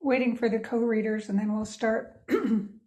waiting for the co-readers and then we'll start on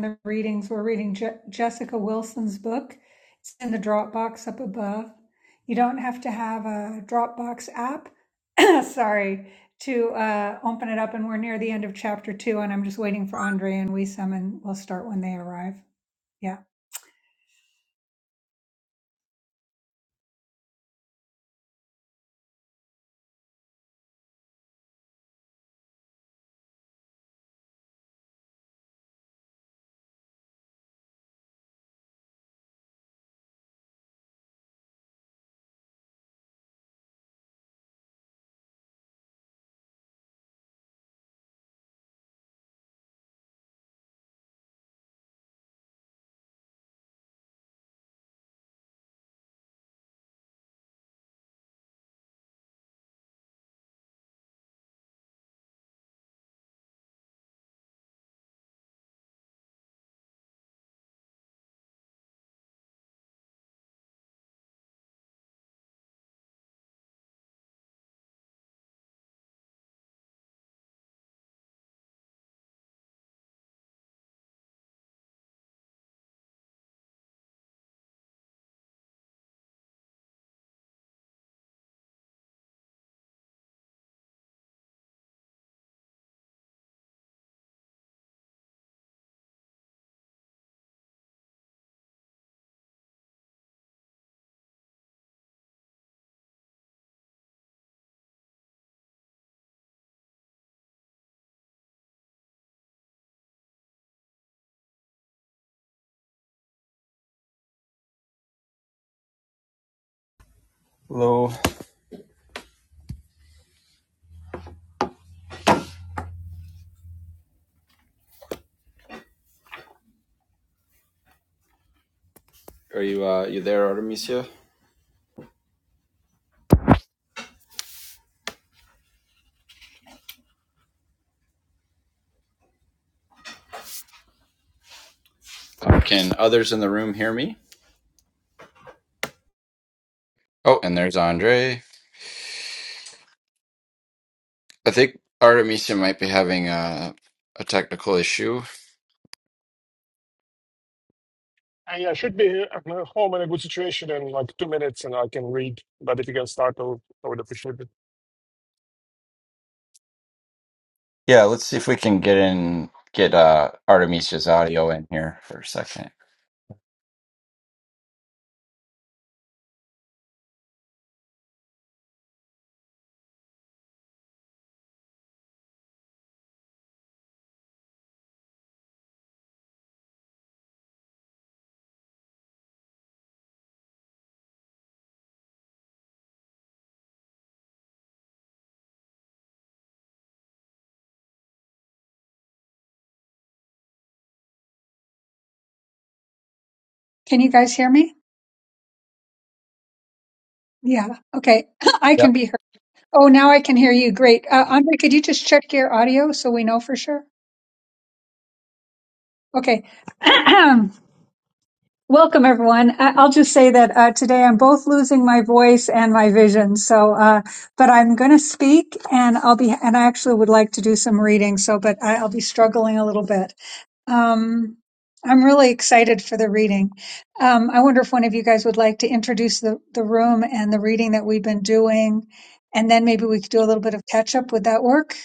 the readings. We're reading Je- Jessica Wilson's book. It's in the Dropbox up above. You don't have to have a Dropbox app, sorry, to uh, open it up. And we're near the end of chapter two, and I'm just waiting for Andre and Wisam, and we'll start when they arrive. Yeah. Hello. Are you uh you there, Artemisia? Uh, Can others in the room hear me? Oh, and there's Andre. I think Artemisia might be having a a technical issue. And yeah, I should be here- i home in a good situation in like two minutes and I can read. But if you can start, I'll- I would appreciate it. Yeah, let's see if we can get in get uh Artemisia's audio in here for a second. Can you guys hear me? Yeah. Okay. I can Yep. be heard. Oh, now I can hear you. Great. Uh, Andre, could you just check your audio so we know for sure? Okay. Welcome, everyone. I- will just say that uh, today I'm both losing my voice and my vision. So, uh, but I'm going to speak, and I'll be, and I actually would like to do some reading. So, but I- I'll be struggling a little bit. Um, I'm really excited for the reading. Um, I wonder if one of you guys would like to introduce the the room and the reading that we've been doing, and then maybe we could do a little bit of catch up. Would that work?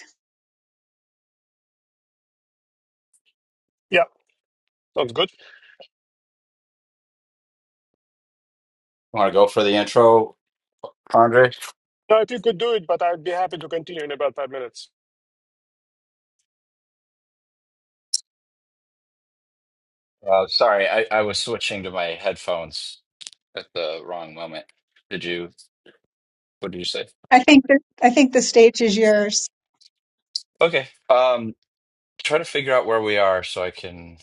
Yeah, sounds good. Want to go for the intro, Andre? Now, if you could do it, but I'd be happy to continue in about five minutes. Uh, sorry, I, I was switching to my headphones at the wrong moment. Did you? What did you say? I think that, I think the stage is yours. Okay. Um, try to figure out where we are so I can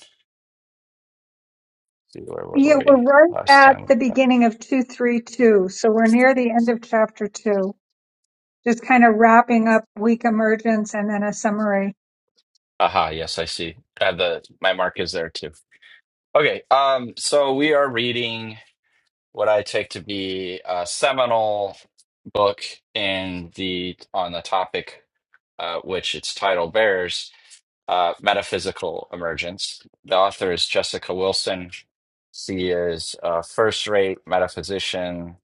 see where were Yeah, we're we right last at time. we the beginning of 232. So we're near the end of chapter two, just kind of wrapping up week emergence and then a summary. Aha, yes, I see. Uh, the my mark is there too. Okay, um, so we are reading what I take to be a seminal book in the on the topic, uh, which its title bears, uh, metaphysical emergence. The author is Jessica Wilson. She is a first-rate metaphysician,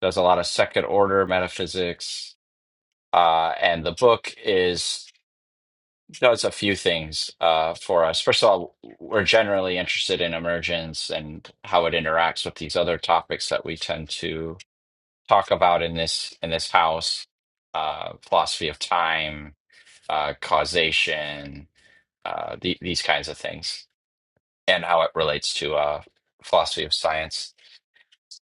does a lot of second-order metaphysics, uh, and the book is does a few things uh, for us. First of all, we're generally interested in emergence and how it interacts with these other topics that we tend to talk about in this in this house: uh, philosophy of time, uh, causation, uh, the, these kinds of things, and how it relates to uh, philosophy of science.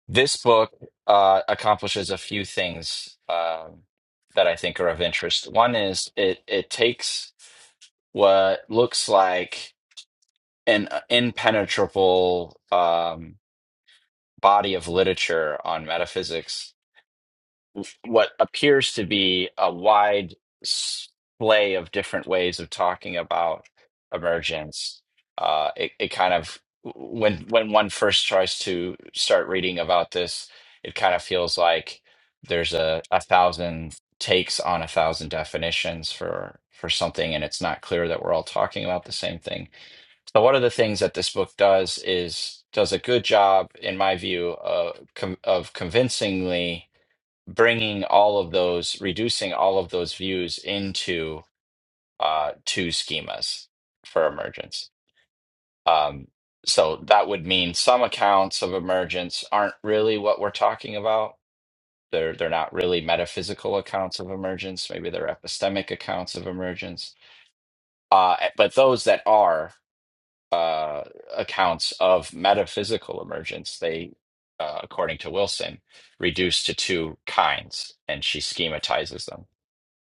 This book uh, accomplishes a few things um that I think are of interest. One is it it takes what looks like an uh, impenetrable um, body of literature on metaphysics, what appears to be a wide splay of different ways of talking about emergence. Uh, it, it kind of when when one first tries to start reading about this, it kind of feels like there's a, a thousand takes on a thousand definitions for for something, and it's not clear that we're all talking about the same thing so one of the things that this book does is does a good job, in my view, uh, com of convincingly bringing all of those, reducing all of those views into uh, two schemas for emergence. Um, so that would mean some accounts of emergence aren't really what we're talking about. They're they're not really metaphysical accounts of emergence. Maybe they're epistemic accounts of emergence. Uh, eh, but those that are. uh, accounts of metaphysical emergence, they, uh, according to Wilson, reduce to two kinds, and she schematizes them.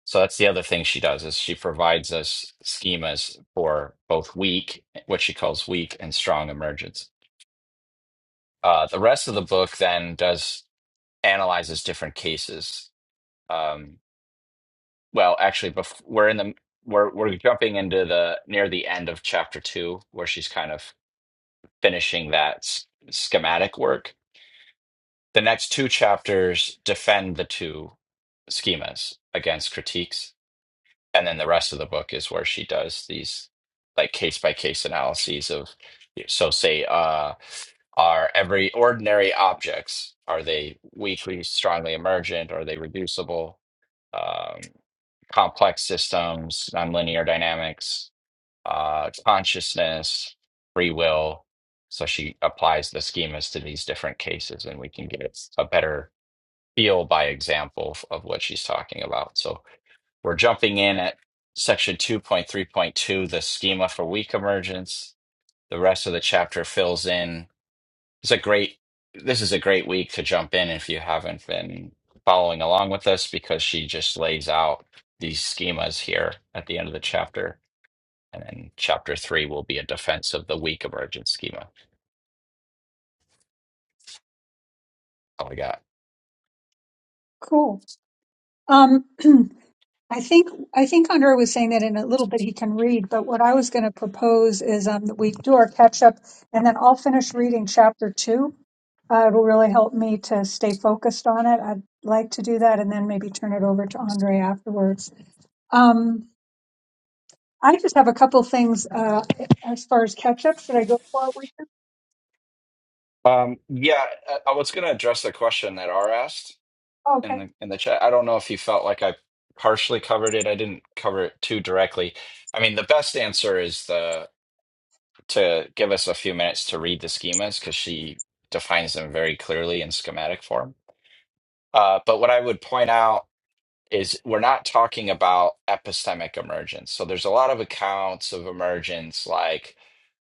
So that's the other thing she does is she provides us schemas for both weak, what she calls weak and strong emergence. Uh, the rest of the book then does analyzes different cases. Um, well, actually, bef- we're in the we're we're jumping into the near the end of chapter two, where she's kind of finishing that s- schematic work. The next two chapters defend the two schemas against critiques. And then the rest of the book is where she does these like case by case analyses of, so say, uh, are every ordinary objects, are they weakly, strongly emergent? Are they reducible? Um, complex systems, nonlinear dynamics, uh, consciousness, free will. So she applies the schemas to these different cases, and we can get a better feel by example f- of what she's talking about. So we're jumping in at section 2.3.2, the schema for weak emergence. The rest of the chapter fills in. It's a great, this is a great week to jump in if you haven't been following along with us because she just lays out these schemas here at the end of the chapter and then chapter three will be a defense of the weak emergent schema. All I got. Cool. Um, I think, I think Andre was saying that in a little bit he can read, but what I was going to propose is, um, that we do our catch up and then I'll finish reading chapter two. Uh, it'll really help me to stay focused on it. I'd like to do that and then maybe turn it over to Andre afterwards. Um, I just have a couple things uh, as far as catch up. Should I go forward with this? Um, yeah, I, I was going to address the question that R asked Oh, in okay. the in the chat. I don't know if you felt like I partially covered it. I didn't cover it too directly. I mean, the best answer is the to give us a few minutes to read the schemas because she defines them very clearly in schematic form. Uh, but what I would point out. is we're not talking about epistemic emergence. So there's a lot of accounts of emergence like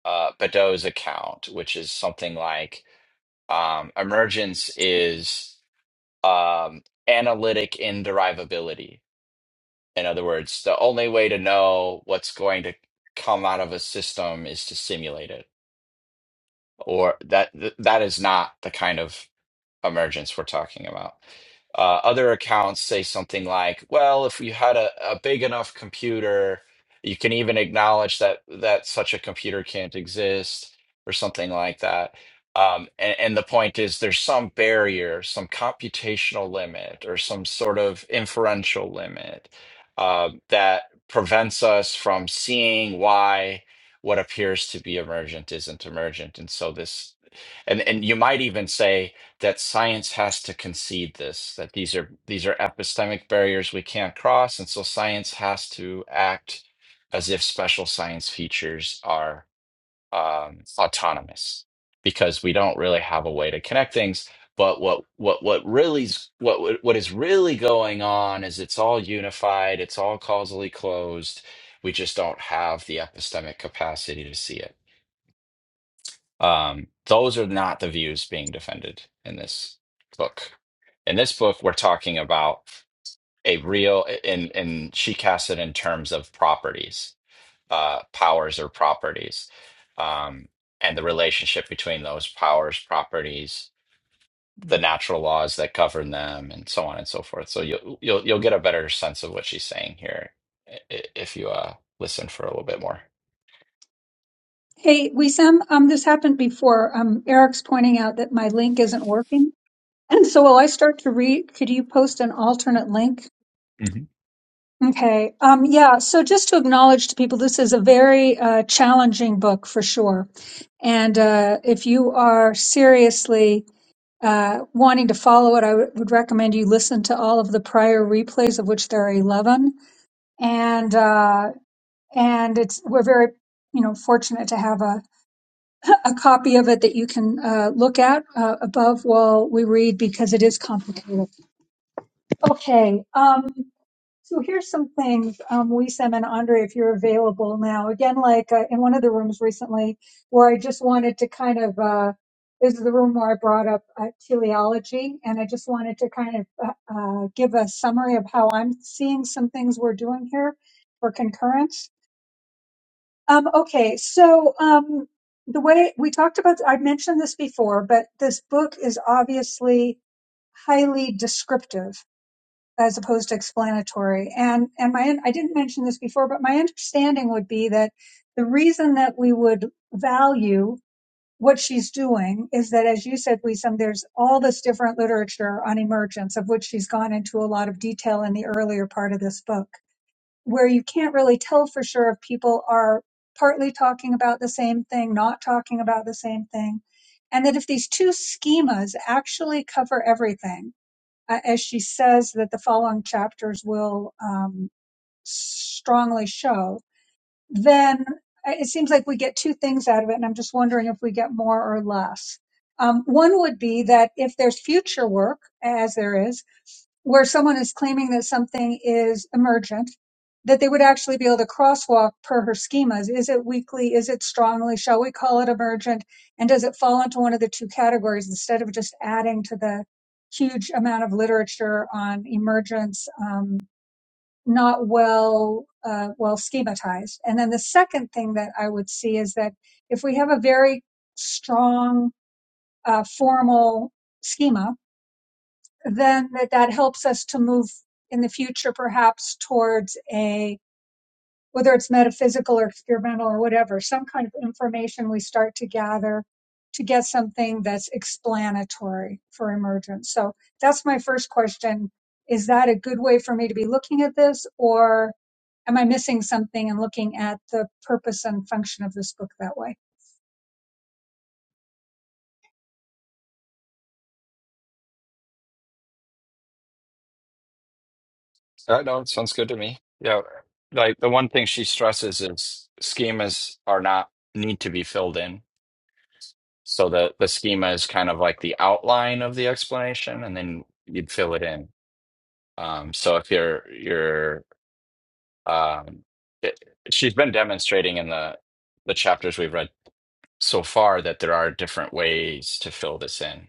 uh, Badeau's account, which is something like um, emergence is um, analytic inderivability. In other words, the only way to know what's going to come out of a system is to simulate it, or that th- that is not the kind of emergence we're talking about. Uh, other accounts say something like, "Well, if you had a, a big enough computer, you can even acknowledge that that such a computer can't exist," or something like that. Um, and, and the point is, there's some barrier, some computational limit, or some sort of inferential limit uh, that prevents us from seeing why what appears to be emergent isn't emergent. And so this, and and you might even say that science has to concede this that these are these are epistemic barriers we can't cross and so science has to act as if special science features are um, autonomous because we don't really have a way to connect things but what what what really's what what is really going on is it's all unified it's all causally closed we just don't have the epistemic capacity to see it um, those are not the views being defended in this book. In this book, we're talking about a real, and and she casts it in terms of properties, uh, powers or properties, um, and the relationship between those powers, properties, the natural laws that govern them, and so on and so forth. So you'll you'll you'll get a better sense of what she's saying here i- i- if you uh, listen for a little bit more. Hey, Wisam, um, this happened before. Um, Eric's pointing out that my link isn't working. And so while I start to read, could you post an alternate link? Okay. Um, yeah. So just to acknowledge to people, this is a very uh, challenging book for sure. And uh, if you are seriously uh, wanting to follow it, I would would recommend you listen to all of the prior replays, of which there are 11. And uh, and it's we're very you know fortunate to have a, a copy of it that you can uh, look at uh, above while we read because it is complicated okay um, so here's some things um, Wisem and andre if you're available now again like uh, in one of the rooms recently where i just wanted to kind of uh, this is the room where i brought up uh, teleology and i just wanted to kind of uh, uh, give a summary of how i'm seeing some things we're doing here for concurrence Um, okay, so um, the way we talked about, i mentioned this before, but this book is obviously highly descriptive as opposed to explanatory. And and my I didn't mention this before, but my understanding would be that the reason that we would value what she's doing is that, as you said, we some there's all this different literature on emergence, of which she's gone into a lot of detail in the earlier part of this book where you can't really tell for sure if people are partly talking about the same thing, not talking about the same thing. And that if these two schemas actually cover everything, uh, as she says that the following chapters will um, strongly show, then uh, it seems like we get two things out of it. And I'm just wondering if we get more or less. Um, one would be that if there's future work, as there is, where someone is claiming that something is emergent, that they would actually be able to crosswalk per her schemas. Is it weakly? Is it strongly? Shall we call it emergent? And does it fall into one of the two categories instead of just adding to the huge amount of literature on emergence, um, not well, uh, well schematized? And then the second thing that I would see is that if we have a very strong, uh, formal schema, then that, that helps us to move in the future perhaps towards a whether it's metaphysical or experimental or whatever some kind of information we start to gather to get something that's explanatory for emergence so that's my first question is that a good way for me to be looking at this or am i missing something and looking at the purpose and function of this book that way Uh, no, it sounds good to me. Yeah. Like the one thing she stresses is schemas are not need to be filled in. So the the schema is kind of like the outline of the explanation and then you'd fill it in. Um, so if you're you're um it, she's been demonstrating in the the chapters we've read so far that there are different ways to fill this in.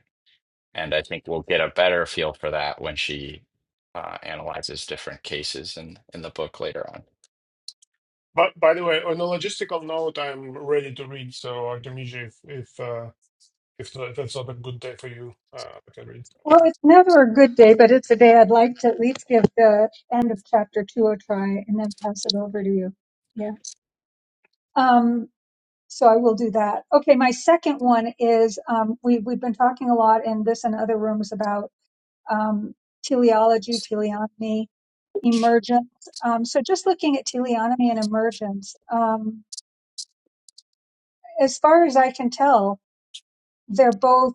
And I think we'll get a better feel for that when she uh, analyzes different cases in in the book later on. But by the way, on a logistical note, I'm ready to read. So, Artemisia, if if, uh, if, if that's not a good day for you, uh, I can read. Well, it's never a good day, but it's a day I'd like to at least give the end of chapter two a try and then pass it over to you. Yeah. Um, so I will do that. Okay. My second one is um, we, we've been talking a lot in this and other rooms about um, teleology, teleonomy, emergence. Um, so just looking at teleonomy and emergence, um, as far as I can tell, they're both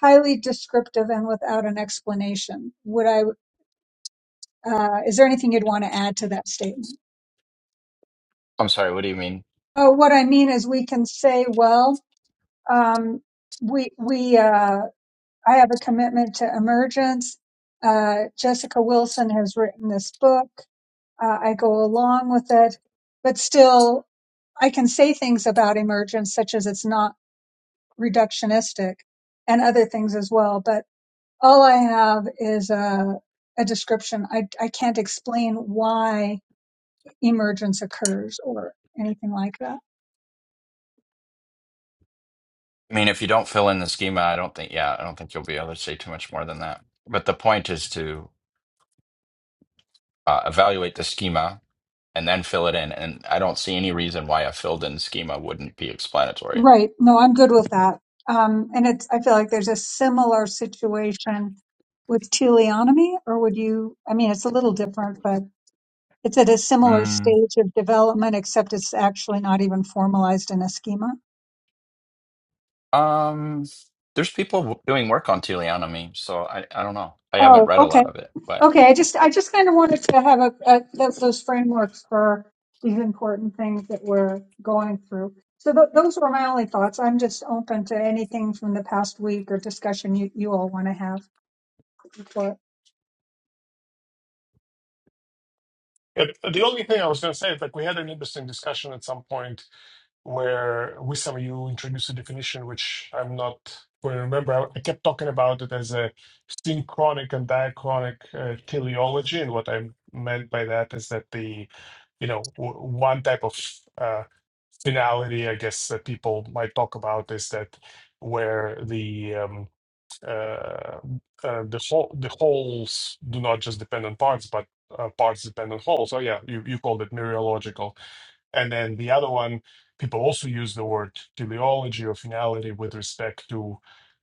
highly descriptive and without an explanation. Would I Uh, is there anything you'd want to add to that statement? I'm sorry, what do you mean? Oh, what I mean is we can say, well, um, we, we, uh, I have a commitment to emergence. Uh, Jessica Wilson has written this book. Uh, I go along with it, but still I can say things about emergence, such as it's not reductionistic and other things as well. But all I have is a, a description. I, I can't explain why emergence occurs or anything like that. I mean, if you don't fill in the schema, I don't think, yeah, I don't think you'll be able to say too much more than that. But the point is to uh, evaluate the schema and then fill it in. And I don't see any reason why a filled in schema wouldn't be explanatory. Right. No, I'm good with that. Um, and it's, I feel like there's a similar situation with teleonomy, or would you, I mean, it's a little different, but it's at a similar Mm. stage of development, except it's actually not even formalized in a schema. Um, there's people w- doing work on teleonomy, so I, I don't know. I haven't Oh, read a okay. lot of it, but Okay, I just I just kind of wanted to have a, a those, those frameworks for these important things that we're going through. So th- those were my only thoughts. I'm just open to anything from the past week or discussion you, you all want to have. Before. And the only thing I was going to say is like we had an interesting discussion at some point where Wissam, you introduced a definition which I'm not going to remember. I, I kept talking about it as a synchronic and diachronic uh, teleology, and what I meant by that is that the, you know, w- one type of uh, finality, I guess, that people might talk about is that where the um, uh, uh, the whole the wholes do not just depend on parts, but uh, parts depend on wholes. Oh yeah, you you called it mereological and then the other one, people also use the word teleology or finality with respect to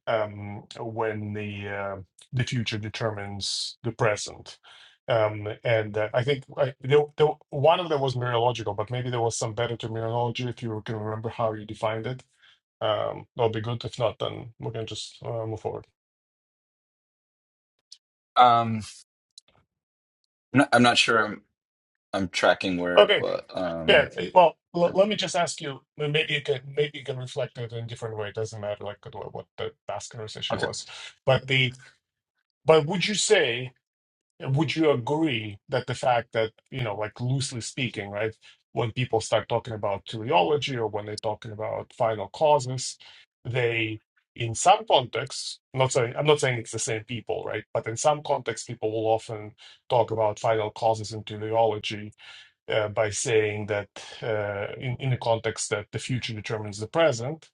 um, when the uh, the future determines the present. Um, and uh, I think I, there, there, one of them was mereological, but maybe there was some better terminology if you can remember how you defined it. Um, that'll be good. If not, then we can just uh, move forward. um, n- I'm not sure I'm, I'm tracking where, Okay. well, Yeah. um, Well, l- yeah. let me just ask you. m- Maybe you can maybe you can reflect it in a different way. It doesn't matter like what what the last conversation okay. was. But the but would you say would you agree that the fact that you know like loosely speaking, right, when people start talking about teleology or when they're talking about final causes, they in some contexts, I'm not saying I'm not saying it's the same people, right? But in some contexts, people will often talk about final causes and teleology uh, by saying that uh, in, in the context that the future determines the present,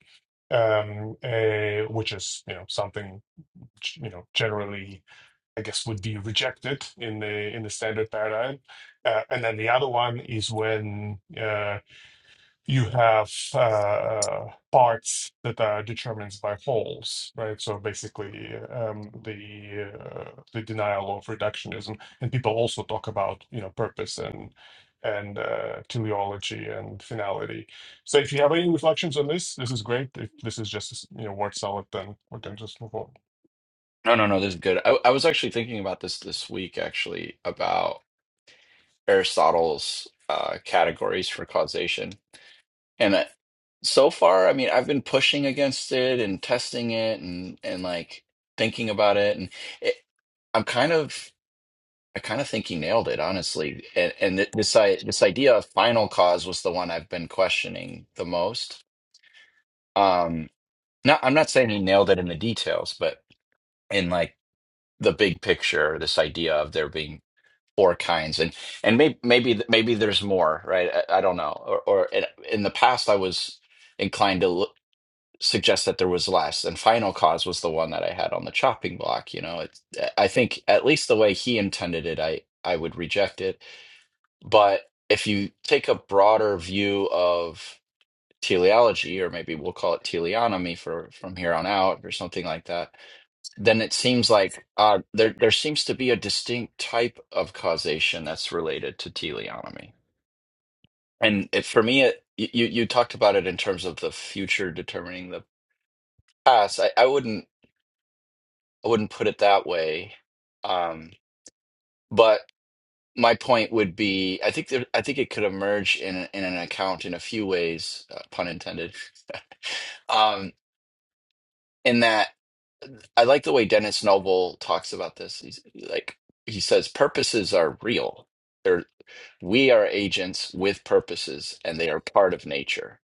um, uh, which is you know something you know generally I guess would be rejected in the in the standard paradigm. Uh, and then the other one is when uh, you have uh, uh, parts that are determined by wholes, right? So basically, um, the uh, the denial of reductionism, and people also talk about you know purpose and and uh, teleology and finality. So if you have any reflections on this, this is great. If this is just you know word salad, then we can just move on. No, no, no, this is good. I, I was actually thinking about this this week, actually, about Aristotle's uh, categories for causation. And I, so far, I mean, I've been pushing against it and testing it and and like thinking about it, and it, I'm kind of I kind of think he nailed it, honestly. And and th- this I, this idea of final cause was the one I've been questioning the most. Um, not I'm not saying he nailed it in the details, but in like the big picture, this idea of there being four kinds and and maybe maybe maybe there's more right i, I don't know or, or in, in the past i was inclined to look, suggest that there was less and final cause was the one that i had on the chopping block you know it's i think at least the way he intended it i i would reject it but if you take a broader view of teleology or maybe we'll call it teleonomy for from here on out or something like that then it seems like uh, there there seems to be a distinct type of causation that's related to teleonomy. And it, for me, it, you you talked about it in terms of the future determining the past. I, I wouldn't I wouldn't put it that way, um, but my point would be I think there, I think it could emerge in in an account in a few ways, uh, pun intended, um, in that. I like the way Dennis Noble talks about this. He's like he says purposes are real. They're we are agents with purposes and they are part of nature.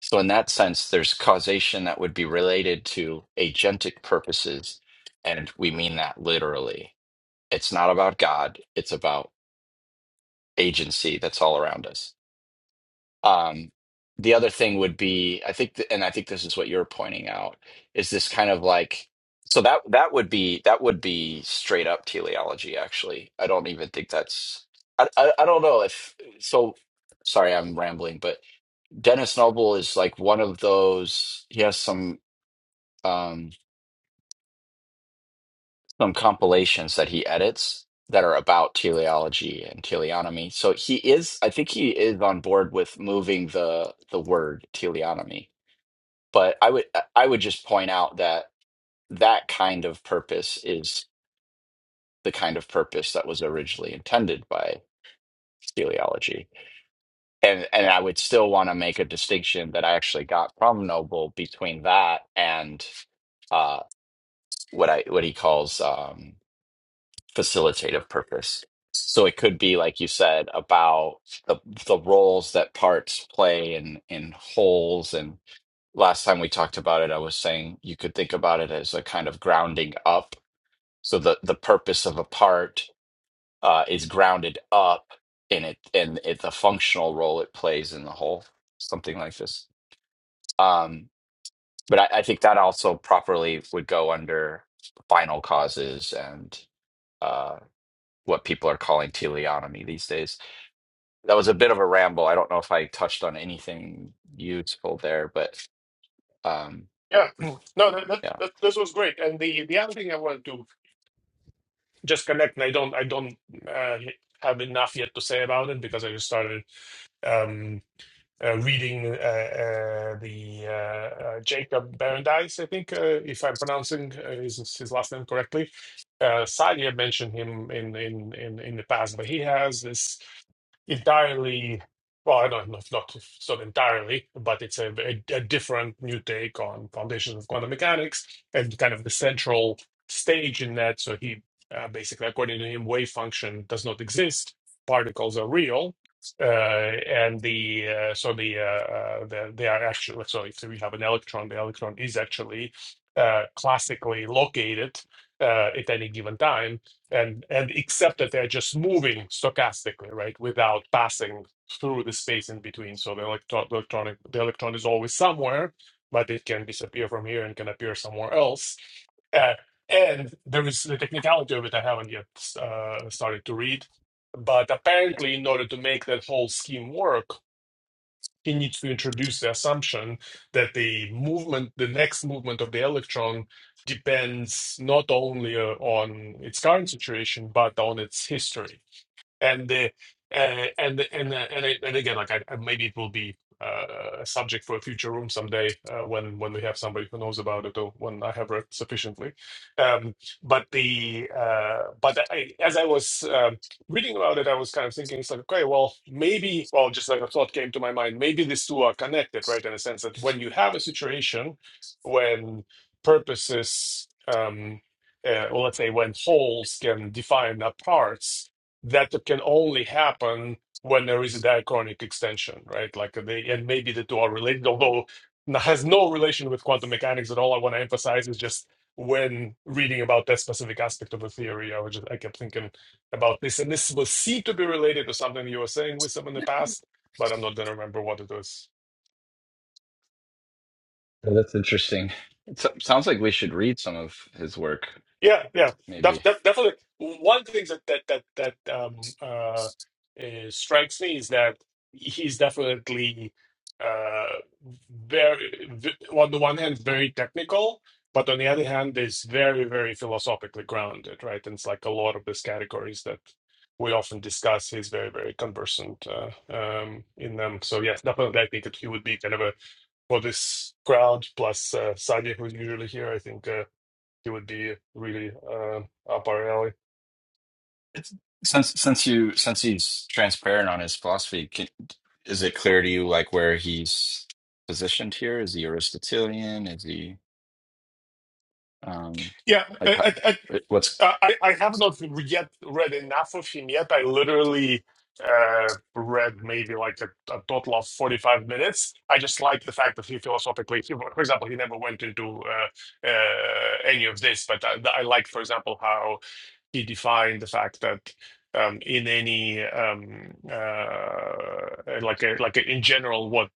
So in that sense there's causation that would be related to agentic purposes and we mean that literally. It's not about God, it's about agency that's all around us. Um, the other thing would be, I think, th- and I think this is what you're pointing out, is this kind of like, so that that would be that would be straight up teleology, actually. I don't even think that's, I, I, I don't know if, so sorry, I'm rambling, but Dennis Noble is like one of those, he has some um some compilations that he edits that are about teleology and teleonomy. So he is, I think he is on board with moving the the word teleonomy but i would i would just point out that that kind of purpose is the kind of purpose that was originally intended by teleology and and i would still want to make a distinction that i actually got from noble between that and uh what i what he calls um facilitative purpose so it could be like you said about the the roles that parts play in in wholes and last time we talked about it, I was saying you could think about it as a kind of grounding up. So the the purpose of a part uh, is grounded up in it and it, the functional role it plays in the whole, something like this. Um, but I, I think that also properly would go under final causes and uh, what people are calling teleonomy these days. That was a bit of a ramble. I don't know if I touched on anything useful there, but um, Yeah, no, that, that, yeah. that this was great. And the the other thing I wanted to just connect, and I don't I don't uh, have enough yet to say about it because I just started um, uh, reading uh, uh, the uh, uh, Jacob Berendise, I think, uh, if I'm pronouncing uh, his, his last name correctly. Uh, Sadia mentioned him in, in, in, in the past, but he has this entirely, well, I don't know if not, if it's not entirely, but it's a, a, a different new take on foundations of quantum mechanics and kind of the central stage in that. So he uh, basically, according to him, wave function does not exist. Particles are real, uh, and the uh, so the, uh, uh, the they are actually so if we have an electron, the electron is actually uh, classically located uh, at any given time, and and except that they're just moving stochastically, right, without passing through the space in between. So the electron, the electronic, the electron is always somewhere, but it can disappear from here and can appear somewhere else. Uh, and there is the technicality of it I haven't yet uh, started to read, but apparently, in order to make that whole scheme work, he needs to introduce the assumption that the movement, the next movement of the electron, depends not only uh, on its current situation, but on its history and the uh, and and the- and, I, and again, like I, I- maybe it will be uh, a subject for a future room someday uh, when when we have somebody who knows about it or when I have read sufficiently. Um, but the uh, but I, as I was um, reading about it, I was kind of thinking, it's like okay, well, maybe, well, just like a thought came to my mind, maybe these two are connected, right? In a sense that when you have a situation when purposes um, uh, or let's say when wholes can define apart, that can only happen when there is a diachronic extension, right? Like they, and maybe the two are related, although n- has no relation with quantum mechanics at all. I want to emphasize is just when reading about that specific aspect of a theory, I was just, I kept thinking about this, and this was seen to be related to something you were saying with some in the past, but I'm not going to remember what it was. Oh, that's interesting. It so- sounds like we should read some of his work, Yeah, yeah, def maybe. def definitely. One thing that that that that um, uh, uh, strikes me is that he's definitely uh, very, v on the one hand, very technical, but on the other hand, is very, very philosophically grounded, right? And it's like a lot of these categories that we often discuss. He's very, very conversant uh, um, in them. So yes, definitely, I think that he would be kind of a for this crowd plus uh, Sadia, who's usually here. I think. Uh, it would be really uh, up our alley. It's, since since you since he's transparent on his philosophy, can, is it clear to you like where he's positioned here? Is he Aristotelian? Is he um Yeah, like I, how, I, I, it- what's uh, I I have not yet read enough of him yet. I literally uh, read maybe like a, a total of 45 minutes. I just like the fact that he philosophically, he- for example, he never went into uh, uh, any of this, but I, I like, for example, how he defined the fact that um, in any um, uh, like a, like a, in general what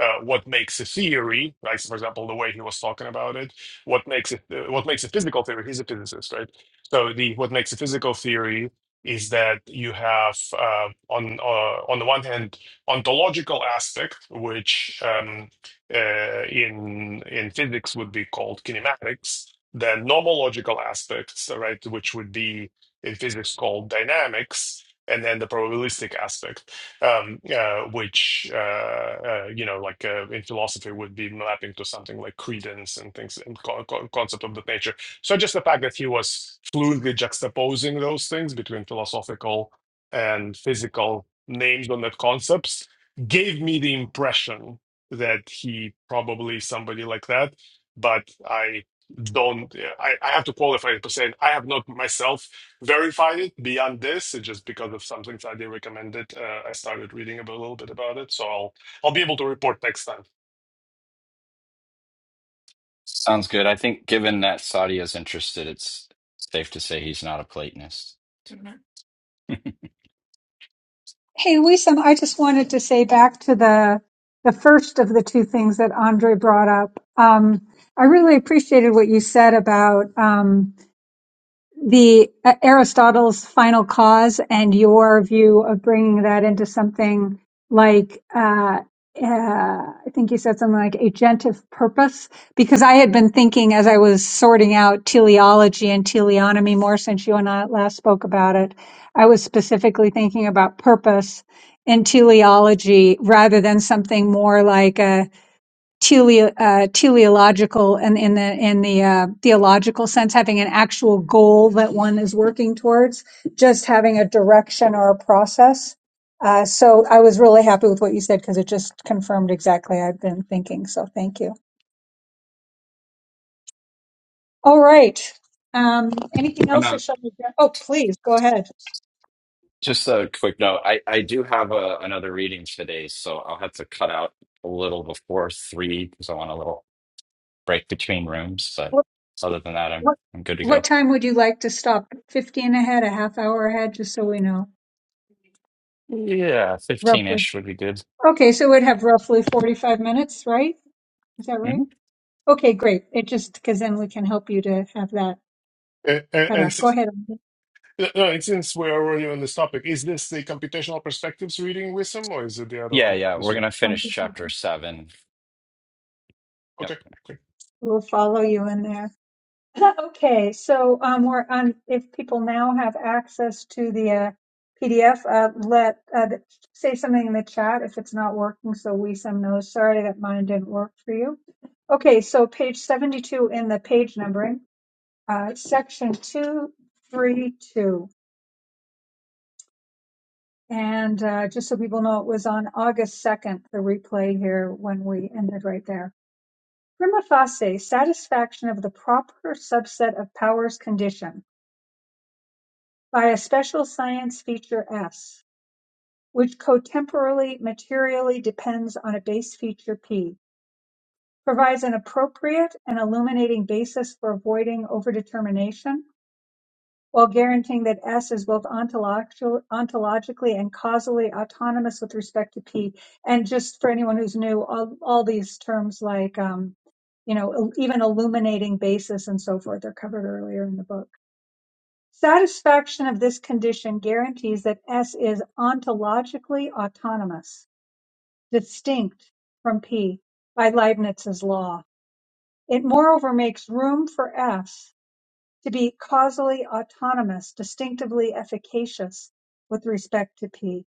uh, what makes a theory, like for example the way he was talking about it what makes it uh, what makes a physical theory he's a physicist right so the what makes a physical theory is that you have uh, on uh, on the one hand ontological aspect which um, uh, in in physics would be called kinematics then nomological aspects right which would be in physics called dynamics and then the probabilistic aspect um, uh, which uh, uh, you know, like uh, in philosophy, would be mapping to something like credence and things and co- co- concept of that nature. So just the fact that he was fluently juxtaposing those things between philosophical and physical names on that concepts gave me the impression that he probably somebody like that, but I don't. I, I have to qualify it by saying I have not myself verified it. Beyond this, it's just because of something that they recommended. Uh, I started reading about, a little bit about it, so I'll I'll be able to report next time. sounds good? I think given that Saudi is interested, it's safe to say he's not a Platonist. Hey, Wisam, I just wanted to say back to the the first of the two things that Andre brought up. Um, I really appreciated what you said about. Um, the uh, Aristotle's final cause and your view of bringing that into something like uh, uh, I think you said something like agentive purpose because I had been thinking as I was sorting out teleology and teleonomy more since you and I last spoke about it, I was specifically thinking about purpose in teleology rather than something more like tele, uh, teleological and in the in the uh, theological sense, having an actual goal that one is working towards, just having a direction or a process. Uh, so I was really happy with what you said because it just confirmed exactly I've been thinking. So thank you. All right. Um, anything else, or shall we? go- Oh, please go ahead. Just a quick note. I, I do have a, another reading today, so I'll have to cut out a little before three because I want a little break between rooms. But What, other than that, I'm what I'm good to what go. time would you like to stop? Fifteen ahead, a half hour ahead, just so we know Yeah, fifteen roughly. ish would be good. Okay, so we'd have roughly forty-five minutes, right? Is that right? hmm Okay, great. It just, because then we can help you to have that And, and, cut and off. Go si- ahead. no, no, and since we're already on this topic, is this the computational perspectives reading wisdom, or is it the other Yeah, one yeah. this We're week? gonna finish chapter seven. Yep. Okay, We'll follow you in there. Okay, so um, we're on, if people now have access to the uh, PDF, uh, let, uh, th- say something in the chat if it's not working, so we some knows, sorry that mine didn't work for you. Okay, so page 72 in the page numbering, uh, section 232. And uh, just so people know, it was on August 2nd, the replay here when we ended right there. Prima facie, satisfaction of the proper subset of powers condition by a special science feature S, which cotemporally materially depends on a base feature P, provides an appropriate and illuminating basis for avoiding overdetermination while guaranteeing that S is both ontological, ontologically and causally autonomous with respect to P. And just for anyone who's new, all, all these terms like, um, you know, even illuminating basis and so forth are covered earlier in the book. Satisfaction of this condition guarantees that S is ontologically autonomous, distinct from P by Leibniz's law. It moreover makes room for S to be causally autonomous, distinctively efficacious with respect to P,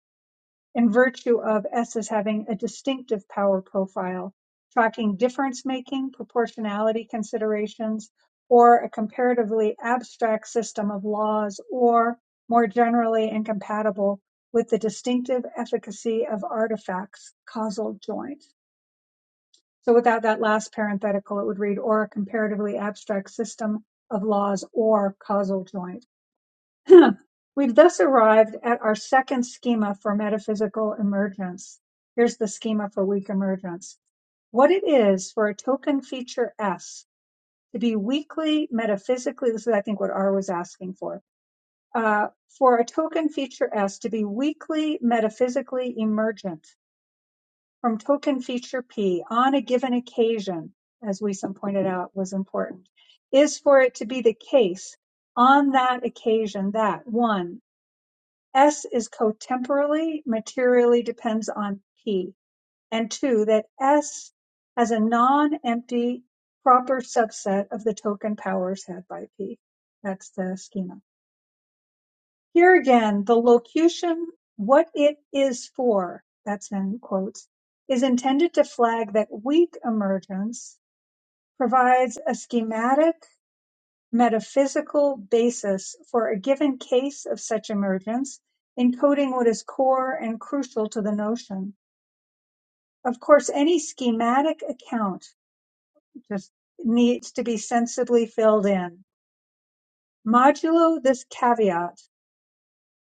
in virtue of S as having a distinctive power profile, tracking difference making, proportionality considerations, or a comparatively abstract system of laws, or more generally incompatible with the distinctive efficacy of artifacts, causal joint. So without that last parenthetical, it would read, or a comparatively abstract system of laws or causal joint We've thus arrived at our second schema for metaphysical emergence. Here's the schema for weak emergence. What it is for a token feature S to be weakly metaphysically, this is I think what R was asking for, uh, for a token feature S to be weakly metaphysically emergent from token feature P on a given occasion, as Wiesen pointed out was important, is for it to be the case on that occasion that one S is cotemporally materially depends on P, and two, that S has a non-empty proper subset of the token powers had by P. That's the schema. Here again, the locution, what it is for, that's in quotes, is intended to flag that weak emergence provides a schematic metaphysical basis for a given case of such emergence, encoding what is core and crucial to the notion. Of course, any schematic account just needs to be sensibly filled in. Modulo this caveat.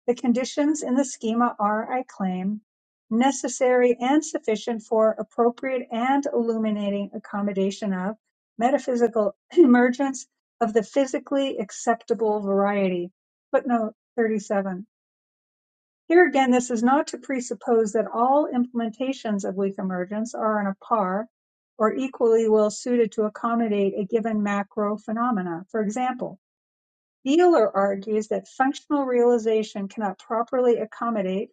The conditions in the schema are, I claim, necessary and sufficient for appropriate and illuminating accommodation of metaphysical emergence of the physically acceptable variety. Footnote 37. Here again, this is not to presuppose that all implementations of weak emergence are on a par or equally well suited to accommodate a given macro phenomena. For example, Wheeler argues that functional realization cannot properly accommodate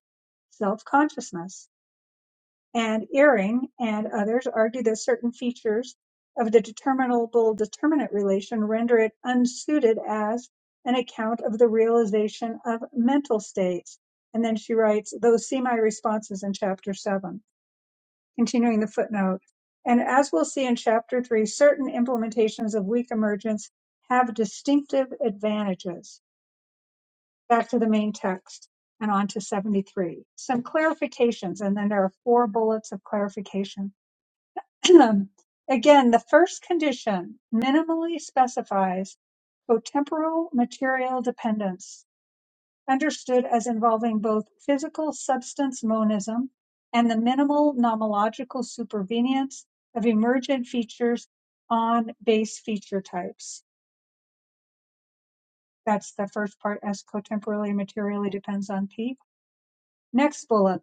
self-consciousness, and Ehring and others argue that certain features of the determinable-determinant relation render it unsuited as an account of the realization of mental states. And then she writes, those see my responses in chapter 7, continuing the footnote. And as we'll see in chapter 3, certain implementations of weak emergence have distinctive advantages back to the main text and on to 73. Some clarifications, and then there are four bullets of clarification. Again, the first condition minimally specifies cotemporal material dependence, understood as involving both physical substance monism and the minimal nomological supervenience of emergent features on base feature types. That's the first part, as cotemporally materially depends on P. Next bullet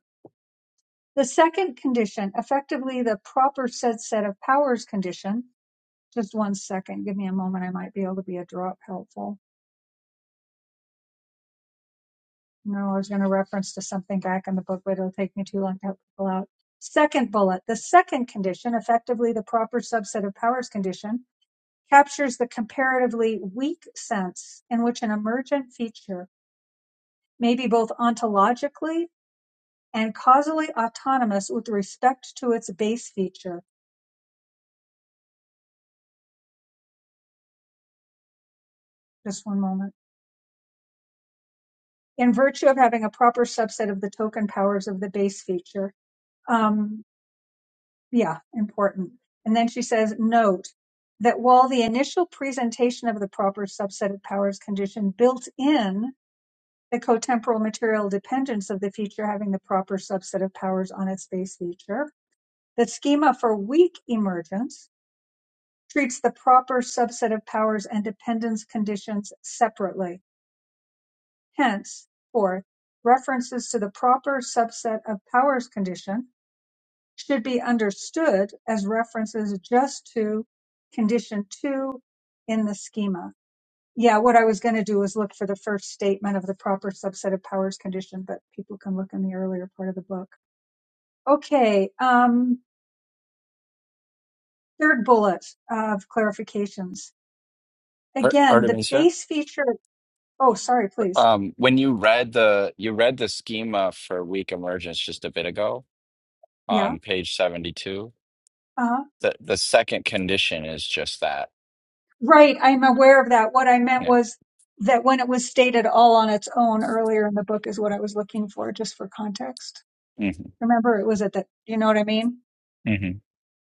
The second condition, effectively the proper said set of powers condition, just one second, give me a moment, I might be able to be a drop helpful. No, I was going to reference to something back in the book, but it'll take me too long to help people out. Second bullet, the second condition, effectively the proper subset of powers condition, captures the comparatively weak sense in which an emergent feature may be both ontologically and causally autonomous with respect to its base feature. Just one moment. in virtue of having a proper subset of the token powers of the base feature. Um, yeah, important. And then she says, note that while the initial presentation of the proper subset of powers condition built in the cotemporal material dependence of the feature having the proper subset of powers on its base feature, the schema for weak emergence treats the proper subset of powers and dependence conditions separately Henceforth, references to the proper subset of powers condition should be understood as references just to condition two in the schema. Yeah, what I was going to do was look for the first statement of the proper subset of powers condition, but people can look in the earlier part of the book. Okay, um, third bullet of clarifications. Ar- Again, the Artemisia, base feature. Oh, sorry, please. um, when you read the you read the schema for weak emergence just a bit ago Yeah. on page seventy two, Uh huh. the the second condition is just that. Right, I'm aware of that. What I meant Yeah. was that when it was stated all on its own earlier in the book is what I was looking for, just for context. hmm Remember, it was at that, you know what I mean?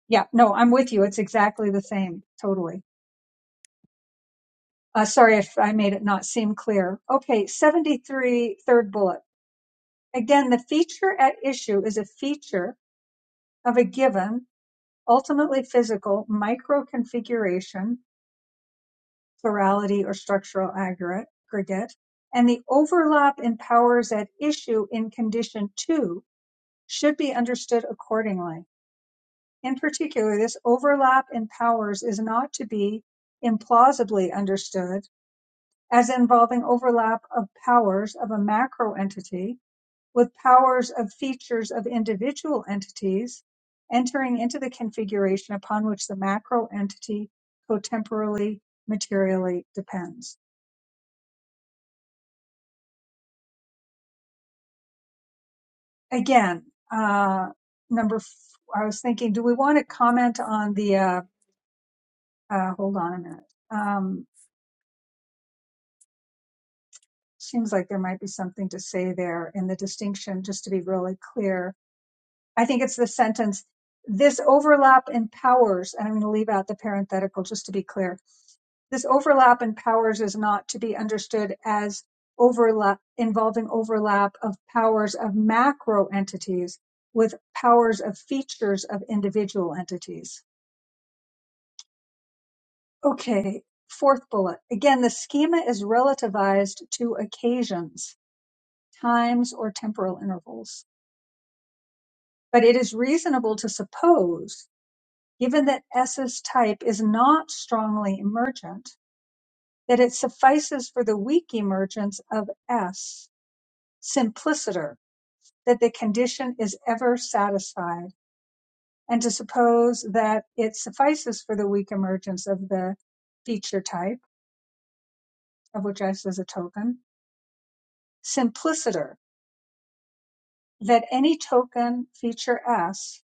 Yeah, no, I'm with you. It's exactly the same, totally. Uh, sorry if I made it not seem clear. Okay, 73, third bullet. Again, the feature at issue is a feature of a given, ultimately physical microconfiguration plurality or structural aggregate, and the overlap in powers at issue in condition two should be understood accordingly. In particular, this overlap in powers is not to be implausibly understood as involving overlap of powers of a macro entity with powers of features of individual entities entering into the configuration upon which the macro entity cotemporally materially depends. again, uh, number, f- I was thinking, do we want to comment on the, uh, uh, hold on a minute. Um, seems like there might be something to say there in the distinction, just to be really clear. I think it's the sentence, this overlap empowers, and I'm going to leave out the parenthetical just to be clear. This overlap empowers is not to be understood as overlap, involving overlap of powers of macro entities with powers of features of individual entities Okay, fourth bullet. Again, the schema is relativized to occasions, times, or temporal intervals. But it is reasonable to suppose, given that S's type is not strongly emergent, that it suffices for the weak emergence of S, simpliciter, that the condition is ever satisfied, and to suppose that it suffices for the weak emergence of the feature type, of which S is a token, simpliciter, that any token feature S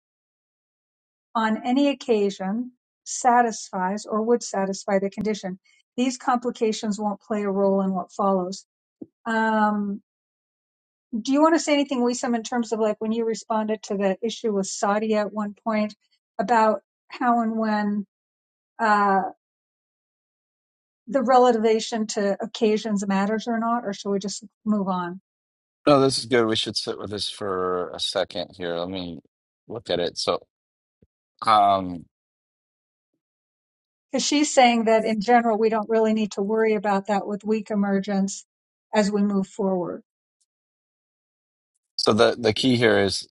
on any occasion satisfies or would satisfy the condition. These complications won't play a role in what follows. Um, do you want to say anything, Wisam, in terms of like when you responded to the issue with Saudi at one point about how and when uh, the relation to occasions matters or not, or shall we just move on? No, this is good. We should sit with this for a second here. Let me look at it. So, um, Because she's saying that in general, we don't really need to worry about that with weak emergence as we move forward. so the the key here is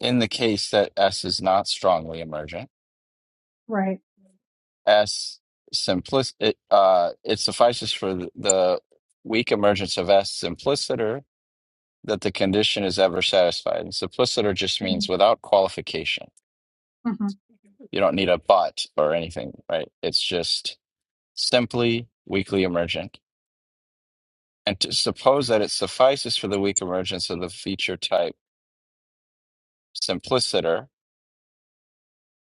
in the case that S is not strongly emergent, Right. S simplis it uh it suffices for the, the weak emergence of S simpliciter that the condition is ever satisfied. And simpliciter just Mm-hmm. means without qualification. Mm-hmm. You don't need a but or anything, right? It's just simply weakly emergent. and to suppose that it suffices for the weak emergence of the feature type simpliciter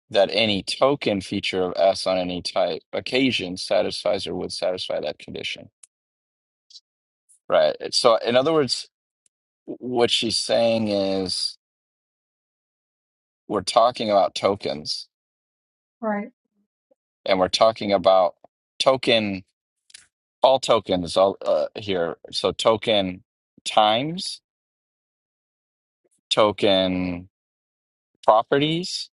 that any token feature of S on any type occasion satisfies or would satisfy that condition. Right. So, in other words, what she's saying is we're talking about tokens Right. and we're talking about token, all tokens all, uh, here. So, token times, token properties,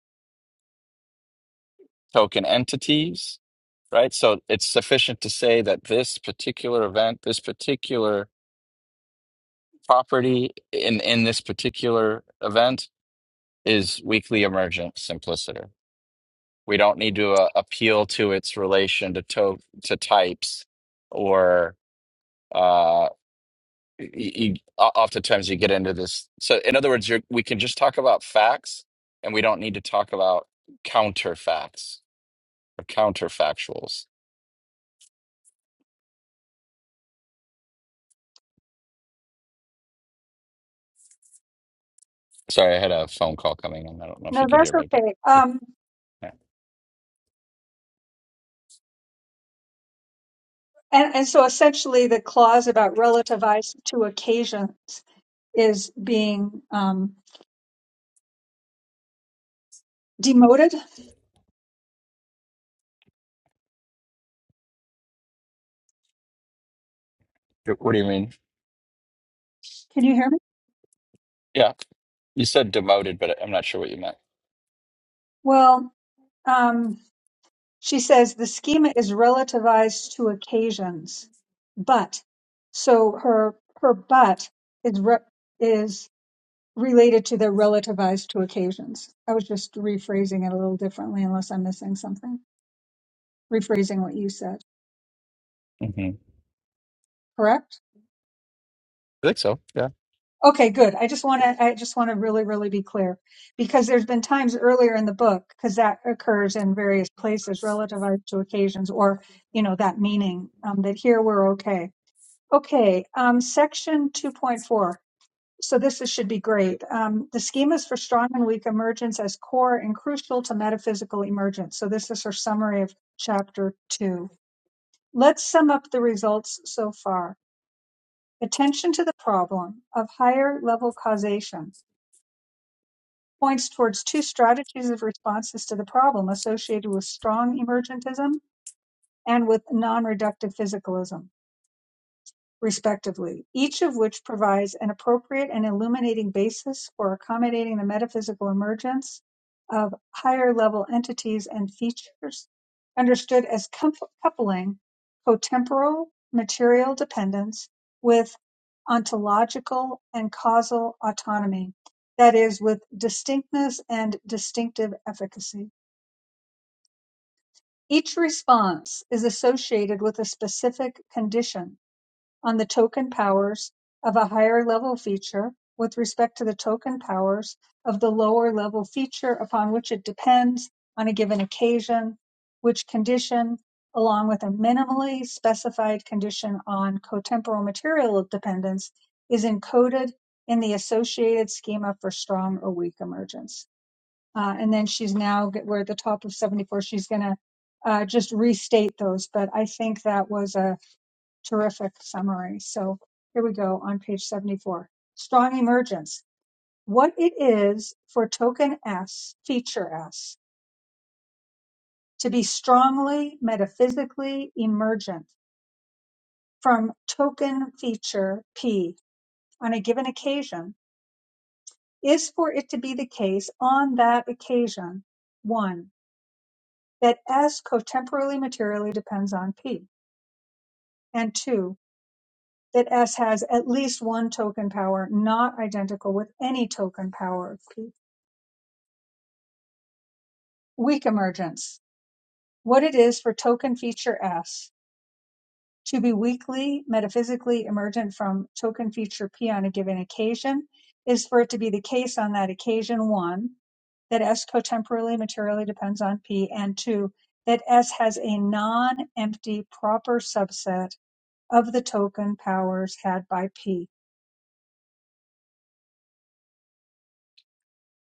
token entities right? So it's sufficient to say that this particular event, this particular property in, in this particular event is weakly emergent simpliciter. We don't need to uh, appeal to its relation to, to, to types or uh, y y oftentimes you get into this. So in other words, you're, we can just talk about facts and we don't need to talk about counterfacts or counterfactuals. Sorry, I had a phone call coming in. I don't know if No, you could that's hear me, but. okay. Um, yeah. and, and so essentially the clause about relativized to occasions is being um, demoted. What do you mean? Can you hear me? Yeah, you said demoted, but I'm not sure what you meant. Well, um, she says the schema is relativized to occasions, but so her her but is re- is related to the relativized to occasions. I was just rephrasing it a little differently, unless I'm missing something. Rephrasing what you said. hmm correct? I think so. Yeah. Okay, good. I just want to I just want to really really be clear because there's been times earlier in the book because that occurs in various places relative uh, to occasions or you know that meaning um, that here we're okay. Okay, um, section 2.4. So this is, should be great. Um, the schemas for strong and weak emergence as core and crucial to metaphysical emergence. So this is her summary of chapter two. Let's sum up the results so far. Attention to the problem of higher-level causation points towards two strategies of responses to the problem associated with strong emergentism and with non-reductive physicalism. respectively, each of which provides an appropriate and illuminating basis for accommodating the metaphysical emergence of higher level entities and features, understood as coup- coupling cotemporal material dependence with ontological and causal autonomy, that is, with distinctness and distinctive efficacy. Each response is associated with a specific condition on the token powers of a higher-level feature with respect to the token powers of the lower-level feature upon which it depends on a given occasion, which condition, along with a minimally specified condition on cotemporal material dependence, is encoded in the associated schema for strong or weak emergence. Uh, and then she's now, we're at the top of 74, she's going to uh, just restate those, but I think that was a terrific summary. So here we go on page 74. Strong emergence. What it is for token S, feature S, to be strongly metaphysically emergent from token feature P on a given occasion is for it to be the case on that occasion, one, that S cotemporally materially depends on P, and two, that S has at least one token power not identical with any token power of P. Weak emergence: What it is for token feature "S" to be weakly metaphysically emergent from token feature "P" on a given occasion is for it to be the case on that occasion, one, that S cotemporally materially depends on P, and two, that S has a non-empty proper subset of the token powers had by P.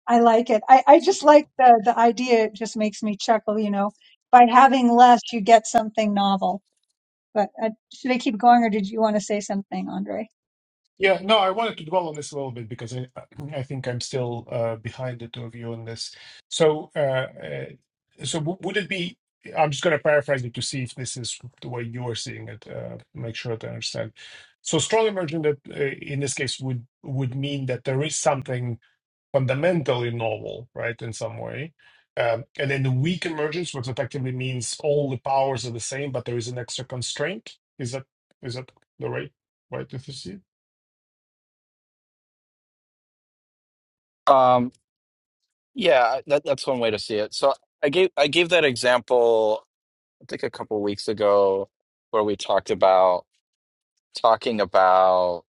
I like it. I, I okay. just like the, the idea. It just makes me chuckle, you know. By having less, you get something novel. But uh, should I keep going, or did you want to say something, Andre? Yeah, no, I wanted to dwell on this a little bit because I, I think I'm still uh, behind the two of you on this. So, uh, uh, so w- would it be? I'm just going to paraphrase it to see if this is the way you are seeing it. Uh, make sure that I understand. So, strong immersion that uh, in this case would would mean that there is something fundamentally novel, right, in some way. Um, and then the weak emergence, which effectively means all the powers are the same, but there is an extra constraint. Is that is that the right way to see Um, yeah, that, that's one way to see it. So I gave I gave that example, I think a couple weeks ago, where we talked about talking about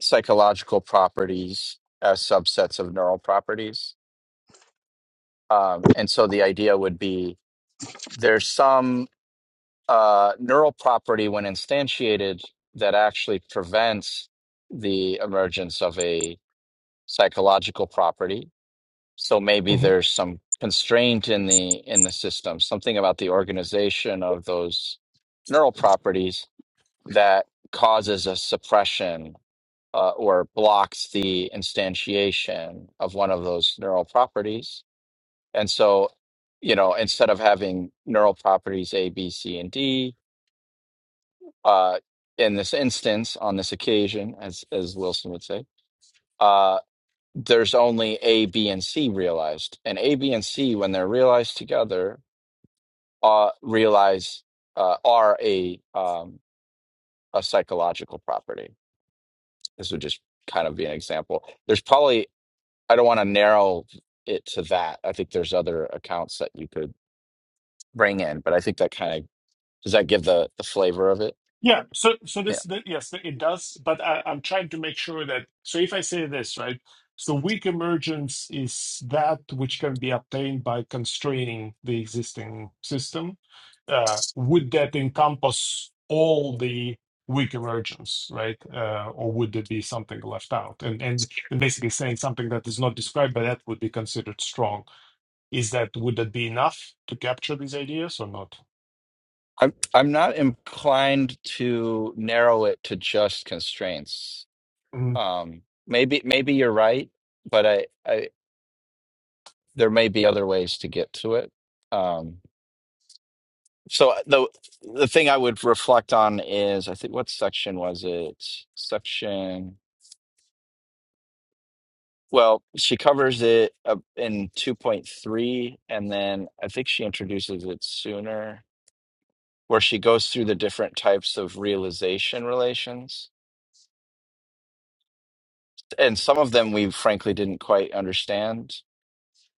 psychological properties as subsets of neural properties. Um, and so the idea would be there's some uh, neural property when instantiated that actually prevents the emergence of a psychological property. So maybe it? there's some constraint in the in the system, something about the organization of those neural properties that causes a suppression uh, or blocks the instantiation of one of those neural properties. And so, you know, instead of having neural properties A, B, C, and D, uh, in this instance, on this occasion, as as Wilson would say, uh, there's only A, B, and C realized. And A, B, and C, when they're realized together, uh, realize uh, are a um, a psychological property. This would just kind of be an example. There's probably I don't want to narrow it to that. I think there's other accounts that you could bring in, but I think that kind of does that give the the flavor of it. Yeah, so so Yeah, this the, yes, it does, but I, I'm trying to make sure that so if I say this, right? So weak emergence is that which can be obtained by constraining the existing system. Uh, would that encompass all the weak emergence, right? Uh, or would there be something left out? And, and and basically saying something that is not described by that would be considered strong. Is that would that be enough to capture these ideas or not? I'm I'm not inclined to narrow it to just constraints. Um, maybe maybe you're right but I, I there may be other ways to get to it. Um, so uh, the the thing I would reflect on is I think what section was it? Section. Well, she covers it uh, in 2.3, and then I think she introduces it sooner, where she goes through the different types of realization relations. And some of them we frankly didn't quite understand.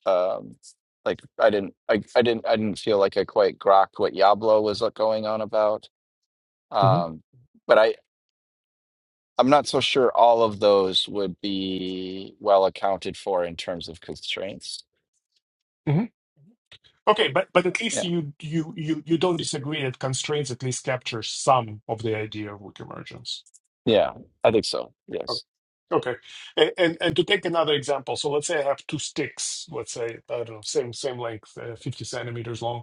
Um, like I didn't, I, I didn't, I didn't feel like I quite grokked what Yablo was uh, going on about Mm-hmm. Um, but I, I'm not so sure all of those would be well accounted for in terms of constraints. Okay, but but at least Yeah. you you you you don't disagree that constraints at least capture some of the idea of weak emergence. Yeah, I think so. O- Yes. Okay, A- and and to take another example, so let's say I have two sticks, let's say I don't know, same same length, uh, fifty centimeters long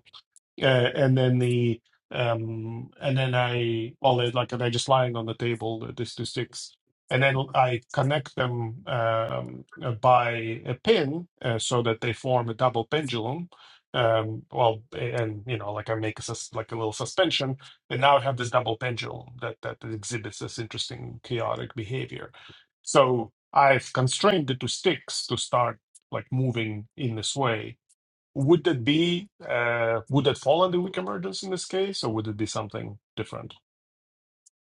uh, and then the um and then i well they're like they're just lying on the table the, this to sticks and then i connect them um uh, by a pin uh, so that they form a double pendulum um well and you know like i make a sus- like a little suspension and now i have this double pendulum that that exhibits this interesting chaotic behavior so i've constrained it to sticks to start like moving in this way would that be uh, would that fall under weak emergence in this case, or would it be something different?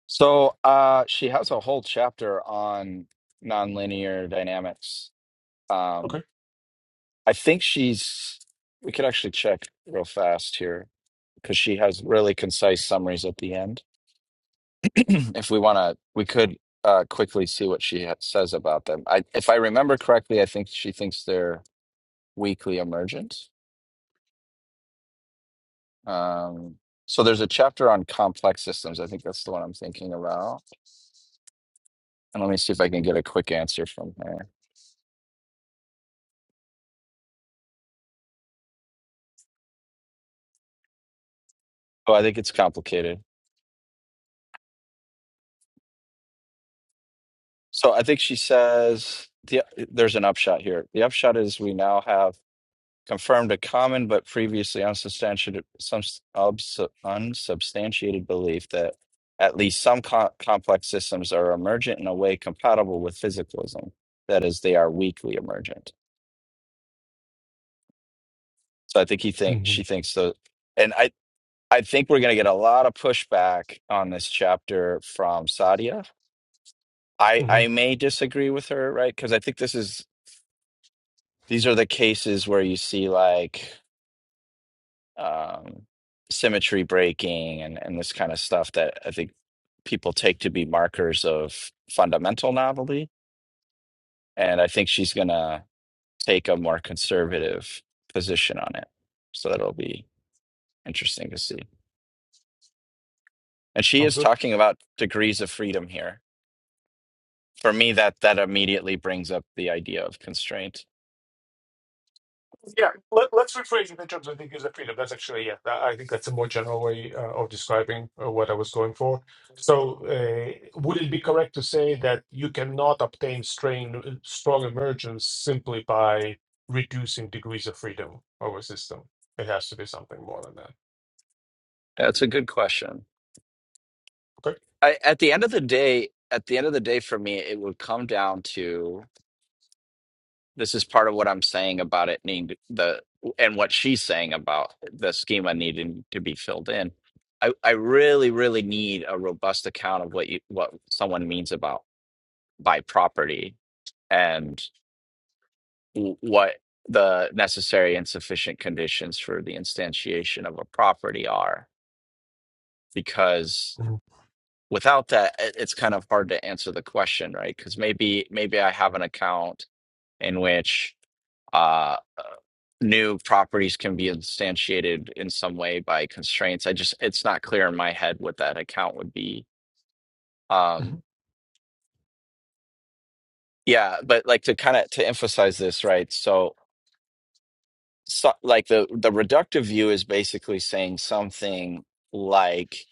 So uh, she has a whole chapter on nonlinear dynamics. Okay. Um, I think she's, we could actually check real fast here because she has really concise summaries at the end. if we want to, we could uh, quickly see what she ha- says about them. I, if I remember correctly, I think she thinks they're Weakly emergent. Um, so there's a chapter on complex systems. I think that's the one I'm thinking about. And let me see if I can get a quick answer from her. Oh, I think it's complicated. So I think she says the, there's an upshot here. The upshot is we now have confirmed a common but previously unsubstantiated, some obs, unsubstantiated belief that at least some co- complex systems are emergent in a way compatible with physicalism. That is, they are weakly emergent. So I think he thinks hmm she thinks so, and I I think we're gonna get a lot of pushback on this chapter from Sadia. I hmm I may disagree with her, right? Because I think this is these are the cases where you see like um, symmetry breaking and and this kind of stuff that I think people take to be markers of fundamental novelty, and I think she's gonna take a more conservative position on it. So that'll be interesting to see. And she Sounds is good. talking about degrees of freedom here. For me, that that immediately brings up the idea of constraint. Yeah, let, let's rephrase it in terms of the user freedom. That's actually yeah. that- I think that's a more general way uh, of describing uh, what I was going for. So, uh, would it be correct to say that you cannot obtain strain, uh, strong emergence simply by reducing degrees of freedom of a system? It has to be something more than that. That's a good question. okay? I, at the end of the day, at the end of the day, for me, it would come down to this is part of what I'm saying about it needing to- the and what she's saying about the schema needing to be filled in. I, I really, really need a robust account of what you what someone means about by property and. w- what the necessary and sufficient conditions for the instantiation of a property are because hmm without that it- it's kind of hard to answer the question right because maybe maybe i have an account in which uh uh, new properties can be instantiated in some way by constraints i just it's not clear in my head what that account would be um yeah but like to kind of to emphasize this right so so, like the the reductive view is basically saying something like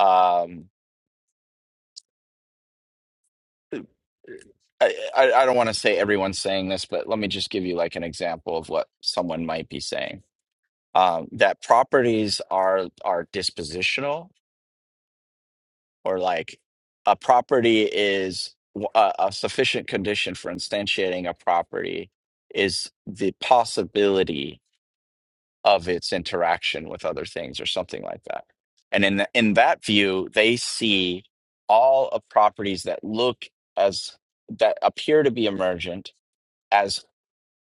um I, I I don't want to say everyone's saying this, but let me just give you like an example of what someone might be saying. Um, that properties are are dispositional, or like a property is w- a, a sufficient condition for instantiating a property is the possibility of its interaction with other things or something like that. And in, th- in that view, they see all of properties that look as that appear to be emergent as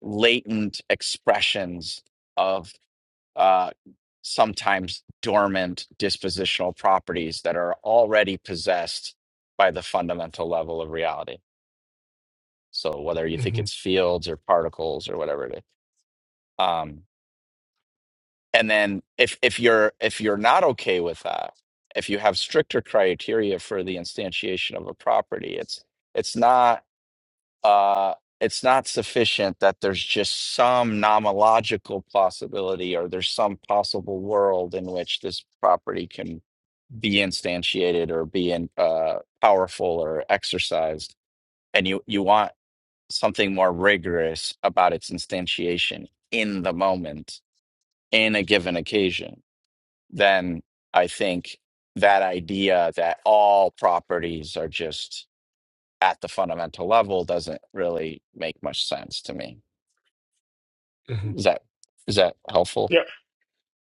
latent expressions of uh, sometimes dormant dispositional properties that are already possessed by the fundamental level of reality. So whether you think hmm it's fields or particles or whatever it is. um, and then if if you're if you're not okay with that if you have stricter criteria for the instantiation of a property it's it's not uh it's not sufficient that there's just some nomological possibility or there's some possible world in which this property can be instantiated or be in, uh, powerful or exercised and you you want something more rigorous about its instantiation in the moment in a given occasion then I think that idea that all properties are just at the fundamental level doesn't really make much sense to me. hmm Is that is that helpful? Yeah,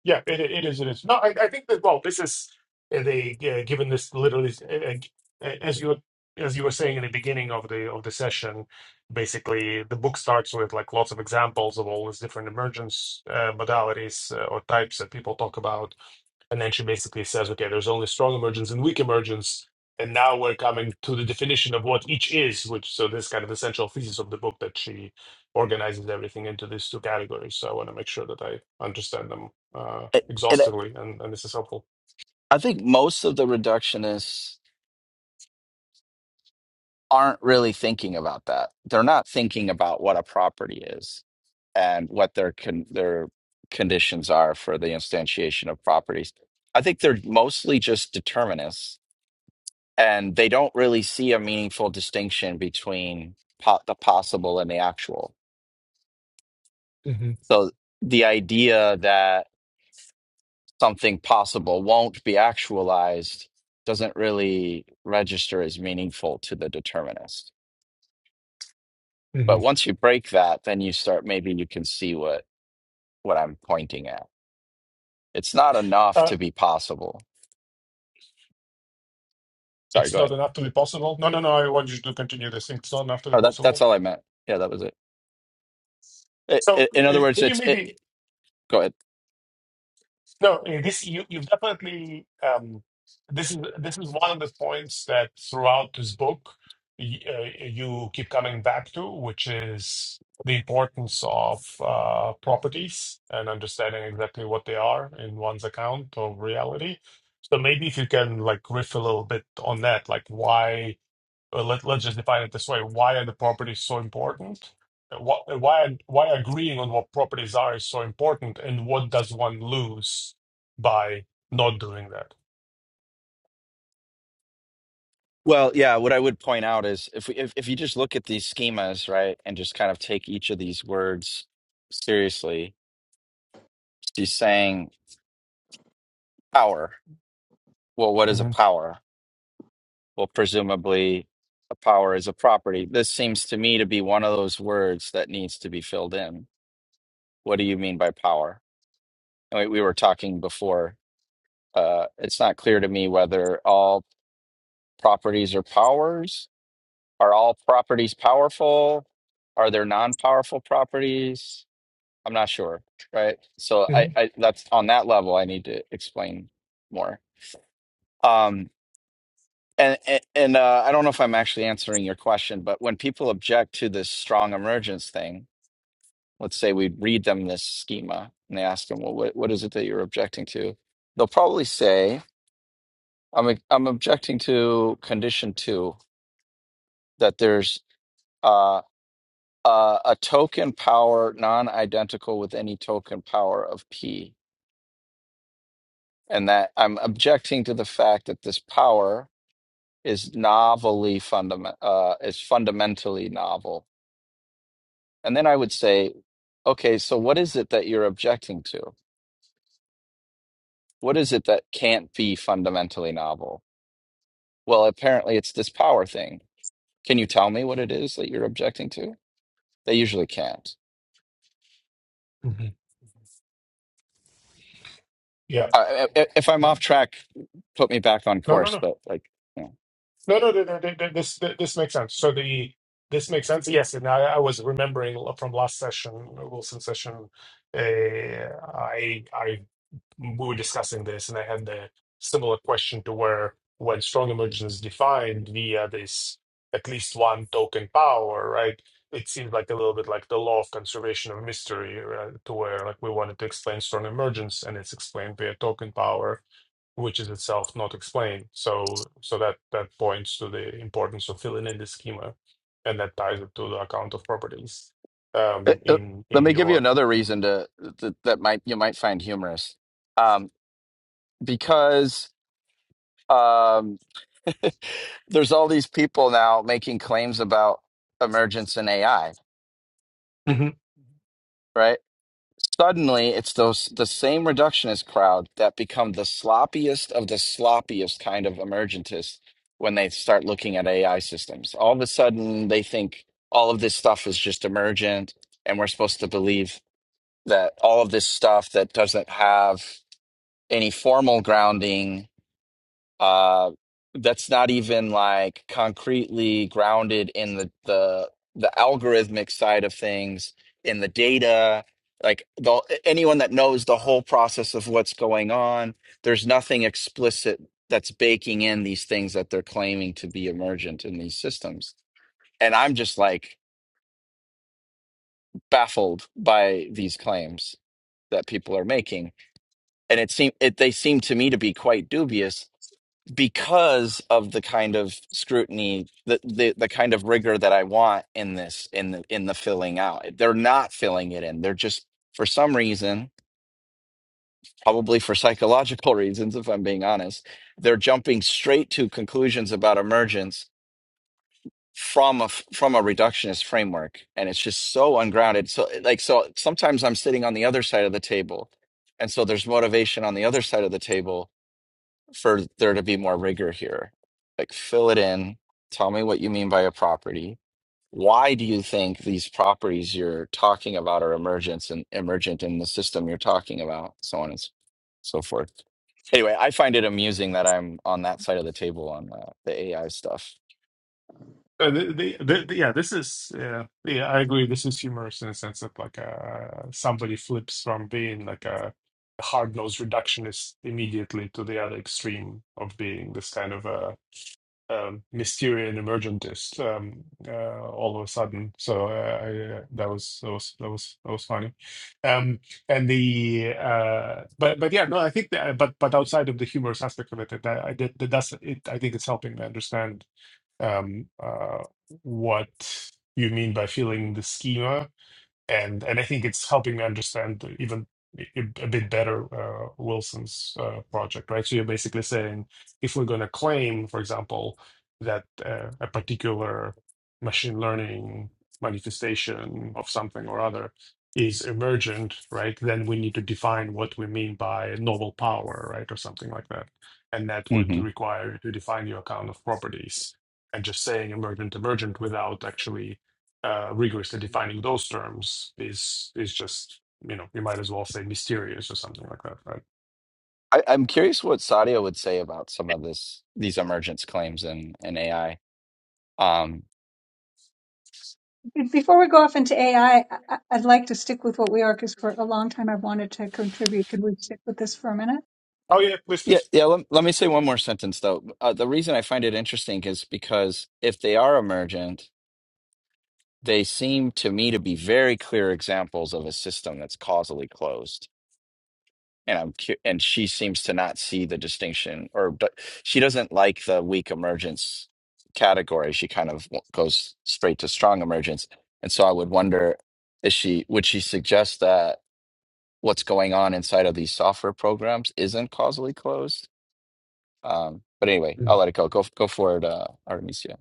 yeah, it it is. It is. No, I, I think that well, this is uh, they uh, given this literally uh, uh, as you as you were saying in the beginning of the of the session, basically the book starts with like lots of examples of all these different emergence uh, modalities uh, or types that people talk about and then she basically says, okay, there's only strong emergence and weak emergence, and now we're coming to the definition of what each is, which so this kind of essential thesis of the book that she organizes everything into these two categories. So I want to make sure that I understand them uh, It, it, exhaustively, and, and this is helpful. I think most of the reductionists aren't really thinking about that. They're not thinking about what a property is and what their con- their conditions are for the instantiation of properties. I think they're mostly just determinists and they don't really see a meaningful distinction between po- the possible and the actual. hmm So the idea that something possible won't be actualized doesn't really register as meaningful to the determinist. hmm But once you break that, then you start maybe you can see what what I'm pointing at. It's not enough Uh, to be possible. Sorry, it's go not ahead. enough to be possible. No, no, no. I want you to continue this. It's not enough to be Oh, that's that's possible. all I meant. Yeah, that was it. I So i in other uh, words, can you it's it. maybe Go ahead. No, eh, this you you've definitely um, this is this is one of the points that throughout this book y uh, you keep coming back to, which is the importance of uh, properties and understanding exactly what they are in one's account of reality. So maybe if you can like riff a little bit on that, like why uh, let, let's just define it this way why are the properties so important what, why why agreeing on what properties are is so important and what does one lose by not doing that Well, yeah, what I would point out is if we if, if you just look at these schemas, right, and just kind of take each of these words seriously, she's saying power. Well, what is a hmm power? Well, presumably a power is a property. This seems to me to be one of those words that needs to be filled in. What do you mean by power? And we, we were talking before. Uh, it's not clear to me whether all properties are powers. Are all properties powerful? Are there non-powerful properties? I'm not sure, right? So I, hmm I that's on that level I need to explain more. Um and and, and uh, I don't know if I'm actually answering your question, but when people object to this strong emergence thing, let's say we read them this schema and they ask them, well, what, what is it that you're objecting to? They'll probably say, I'm I'm objecting to condition two that there's uh, uh, a token power non-identical with any token power of p and that I'm objecting to the fact that this power is novelly fundament uh, is fundamentally novel. And then I would say, okay, so what is it that you're objecting to? What is it that can't be fundamentally novel? Well, apparently it's this power thing. Can you tell me what it is that you're objecting to? They usually can't. hmm yeah Uh, i- i- if I'm Right. off track, put me back on no no course. no But like, you know. no no, no, no, no, no, this this makes sense so the this makes sense yes and i, I was remembering from last session wilson session uh, i i we were discussing this, and I had the similar question to where when strong emergence is defined via this at least one token power, right? It seems like a little bit like the law of conservation of mystery, right? to where like we wanted to explain strong emergence, and it's explained via token power, which is itself not explained. So, so that that points to the importance of filling in the schema, and that ties it to the account of properties um, Uh, uh, in let in me give you your another reason to that, that might you might find humorous. Um, because um, there's all these people now making claims about emergence in AI, right? Suddenly, it's those the same reductionist crowd that become the sloppiest of the sloppiest kind of emergentists when they start looking at AI systems. All of a sudden, they think all of this stuff is just emergent, and we're supposed to believe that all of this stuff that doesn't have any formal grounding uh that's not even like concretely grounded in the the the algorithmic side of things in the data like the anyone that knows the whole process of what's going on there's nothing explicit that's baking in these things that they're claiming to be emergent in these systems and i'm just like baffled by these claims that people are making and it seem it they seem to me to be quite dubious because of the kind of scrutiny the, the the kind of rigor that I want in this in the in the filling out. They're not filling it in. They're just for some reason, probably for psychological reasons if I'm being honest, they're jumping straight to conclusions about emergence from a f- from a reductionist framework and it's just so ungrounded. So like so sometimes I'm sitting on the other side of the table and so there's motivation on the other side of the table for there to be more rigor here. Like, fill it in. Tell me what you mean by a property. Why do you think these properties you're talking about are emergent and emergent in the system you're talking about, so on and s- so forth. Anyway, I find it amusing that I'm on that side of the table on uh, the AI stuff. Uh, the, the, the, the- yeah, this is yeah, yeah. I agree. This is humorous in the sense that like uh, somebody flips from being like a hard-nosed reductionist immediately to the other extreme of being this kind of a um, Mysterian emergentist um, uh, all of a sudden. So uh, I, uh, that was that was that was that was funny. Um, and the uh, but but yeah, no, I think that but but outside of the humorous aspect of it, that I did that that's it. I think it's helping me understand um, uh, what you mean by filling the schema and and I think it's helping me understand even a a bit better uh, Wilson's uh, project, right? So you're basically saying if we're going to claim, for example, that uh, a particular machine learning manifestation of something or other is emergent, right? Then we need to define what we mean by novel power, right, or something like that, and that would hmm require you to define your account of properties. And just saying emergent, emergent without actually uh, rigorously defining those terms is is just you know you might as well say mysterious or something like that, right? I, I'm curious what Sadia would say about some of this these emergence claims in in AI. Be- Before we go off into AI, I, would like to stick with what we are because for a long time I've wanted to contribute. Could we stick with this for a minute? Oh yeah, please, Yeah, please. yeah. Let, let me say one more sentence though. Uh, the reason I find it interesting is because if they are emergent, they seem to me to be very clear examples of a system that's causally closed. And I'm cu- and she seems to not see the distinction, or but she doesn't like the weak emergence category. She kind of w- goes straight to strong emergence. And so I would wonder, is she would she suggest that what's going on inside of these software programs isn't causally closed? Um, but anyway, I'll Mm. let it go. Go go for it, uh, Artemisia.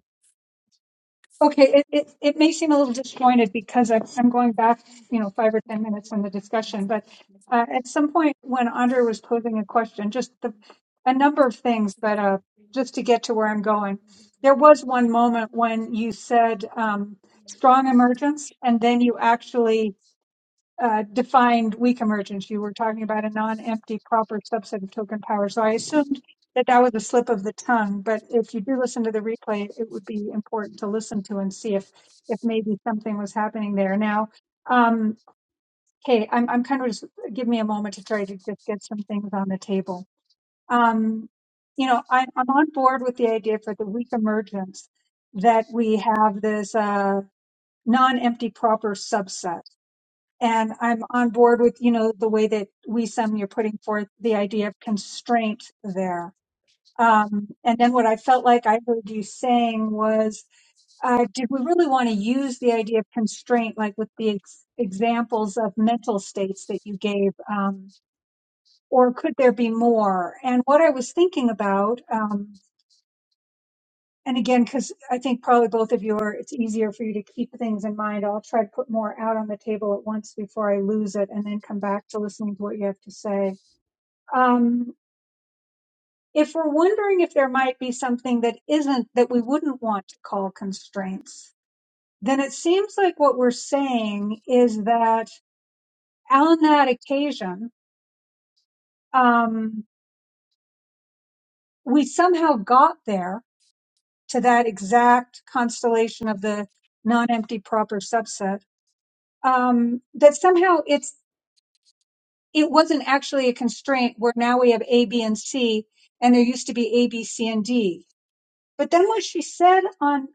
Okay, it, it, it may seem a little disjointed because I'm, I'm going back, you know, five or 10 minutes in the discussion, but uh, at some point when Andre was posing a question, just the, a number of things, but uh, just to get to where I'm going, there was one moment when you said um, strong emergence, and then you actually uh, defined weak emergence. You were talking about a non-empty proper subset of token power. So I assumed that that was a slip of the tongue, but if you do listen to the replay, it would be important to listen to and see if if maybe something was happening there. Now, um, okay, I'm I'm kind of just give me a moment to try to just get some things on the table. Um, you know, I, I'm on board with the idea for the weak emergence that we have this uh, non-empty proper subset and I'm on board with you know the way that we some you're putting forth the idea of constraint there. Um, and then what I felt like I heard you saying was, uh, did we really want to use the idea of constraint, like with the ex- examples of mental states that you gave, um, or could there be more? And what I was thinking about. um, and again, because I think probably both of you are, it's easier for you to keep things in mind. I'll try to put more out on the table at once before I lose it and then come back to listening to what you have to say. Um, if we're wondering if there might be something that isn't, that we wouldn't want to call constraints, then it seems like what we're saying is that on that occasion, um, we somehow got there to that exact constellation of the non-empty proper subset um, that somehow it's it wasn't actually a constraint where now we have A, B, and C, and there used to be A, B, C, and D. But then what she said on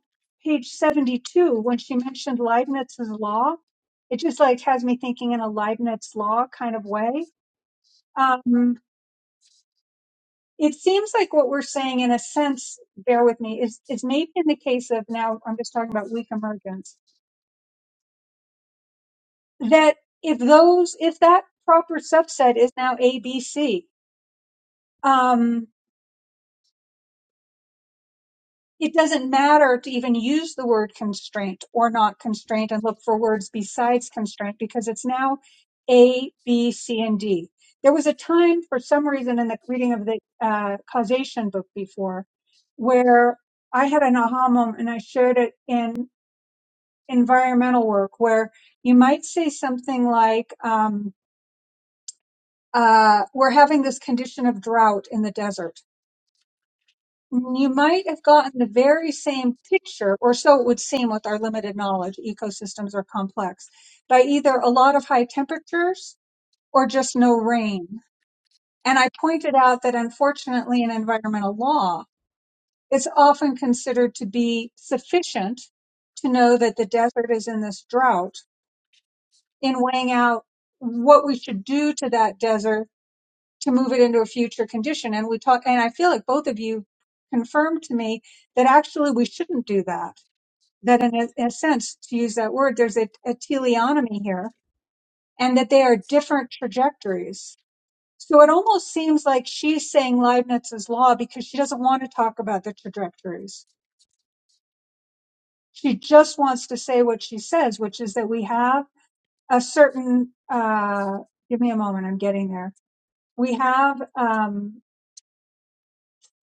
page 72, when she mentioned Leibniz's law, it just like has me thinking in a Leibniz law kind of way. Um, it seems like what we're saying in a sense, bear with me, is, is maybe in the case of now, I'm just talking about weak emergence, that if those, if that proper subset is now A, B, C, um, it doesn't matter to even use the word constraint or not constraint and look for words besides constraint because it's now A, B, C, and D. There was a time, for some reason, in the reading of the uh, causation book before, where I had an aha moment, and I shared it in environmental work, where you might say something like, um, uh, "We're having this condition of drought in the desert." You might have gotten the very same picture, or so it would seem with our limited knowledge. Ecosystems are complex by either a lot of high temperatures or just no rain. And I pointed out that unfortunately in environmental law, it's often considered to be sufficient to know that the desert is in this drought in weighing out what we should do to that desert to move it into a future condition. And we talk, and I feel like both of you confirmed to me that actually we shouldn't do that. That in a, in a sense, to use that word, there's a, a teleonomy here and that they are different trajectories. So it almost seems like she's saying Leibniz's law because she doesn't want to talk about the trajectories. She just wants to say what she says, which is that we have a certain, uh, give me a moment. I'm getting there. We have, um,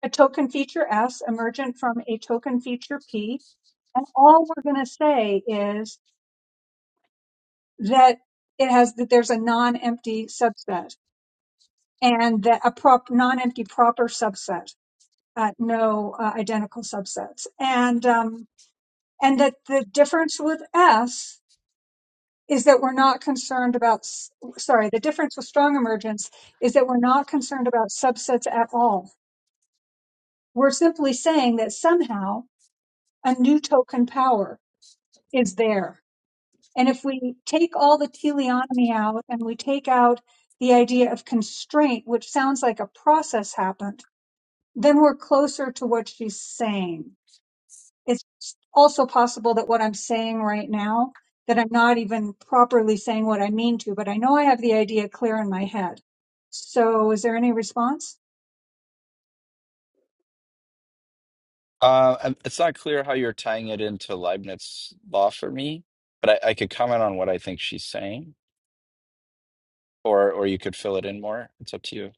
a token feature S emergent from a token feature P. And all we're going to say is that it has that there's a non-empty subset and that a prop non-empty proper subset, uh, no uh, identical subsets, and um, and that the difference with S is that we're not concerned about s- sorry the difference with strong emergence is that we're not concerned about subsets at all. We're simply saying that somehow a new token power is there. And if we take all the teleonomy out and we take out the idea of constraint, which sounds like a process happened, then we're closer to what she's saying. It's also possible that what I'm saying right now, that I'm not even properly saying what I mean to, but I know I have the idea clear in my head. So is there any response? Uh, um, it's not clear how you're tying it into Leibniz law for me, but I, I could comment on what I think she's saying, or or you could fill it in more. It's up to you.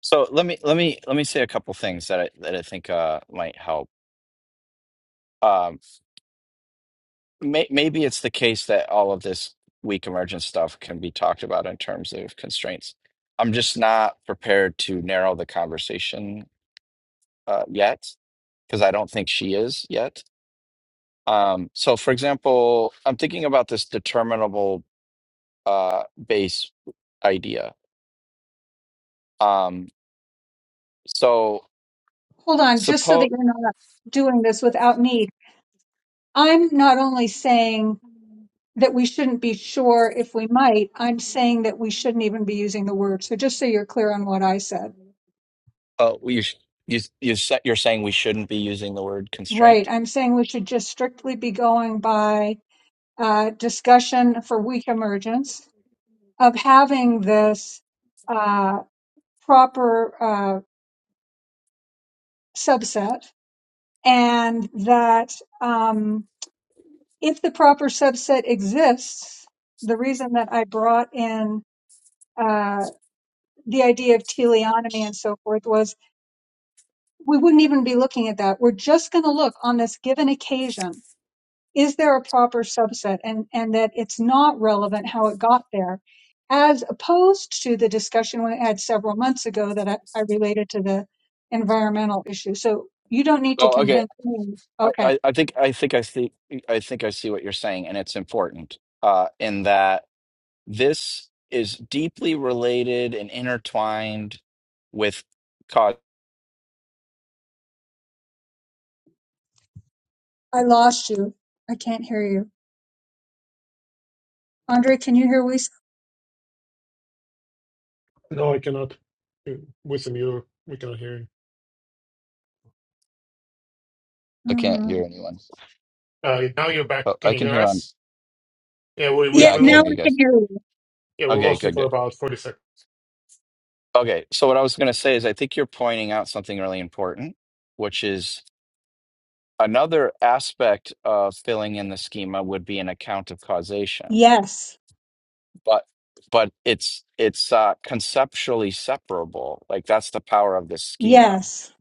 So let me let me let me say a couple things that I that I think uh, might help. Um, may, maybe it's the case that all of this weak emergent stuff can be talked about in terms of constraints. I'm just not prepared to narrow the conversation uh, yet because I don't think she is yet. Um, so, for example, I'm thinking about this determinable uh, base idea. Um, so, Hold on, just so that suppose you're not doing this without need. I'm not only saying that we shouldn't be sure if we might. I'm saying that we shouldn't even be using the word. So just so you're clear on what I said. uh, you sh- you you sa- you're saying we shouldn't be using the word Right. constraint. I'm saying we should just strictly be going by uh, discussion for weak emergence of having this uh, proper uh, subset and that um, if the proper subset exists, the reason that I brought in uh, the idea of teleonomy and so forth was we wouldn't even be looking at that. We're just going to look on this given occasion. Is there a proper subset and, and that it's not relevant how it got there as opposed to the discussion we had several months ago that I, I related to the environmental issue. So you don't need to Oh, okay. convince me. I, Okay. I, I think I think I see I think I see what you're saying, and it's important uh, in that this is deeply related and intertwined with cause. I lost you. I can't hear you. Andre, can you hear Lisa? No, I cannot. You- With him, you we cannot hear you. I can't hear Mm. anyone. Uh, now you're back. Oh, Can I you can hear hear on. us? Yeah, we we Yeah, Yeah, we I can now hear lo- I you guys. can hear you. yeah we Okay, lost you good, for good. about forty seconds. Okay, so what I was going to say is I think you're pointing out something really important, which is another aspect of filling in the schema would be an account of causation. Yes. But but it's it's uh, conceptually separable. Like that's the power of this schema, Yes.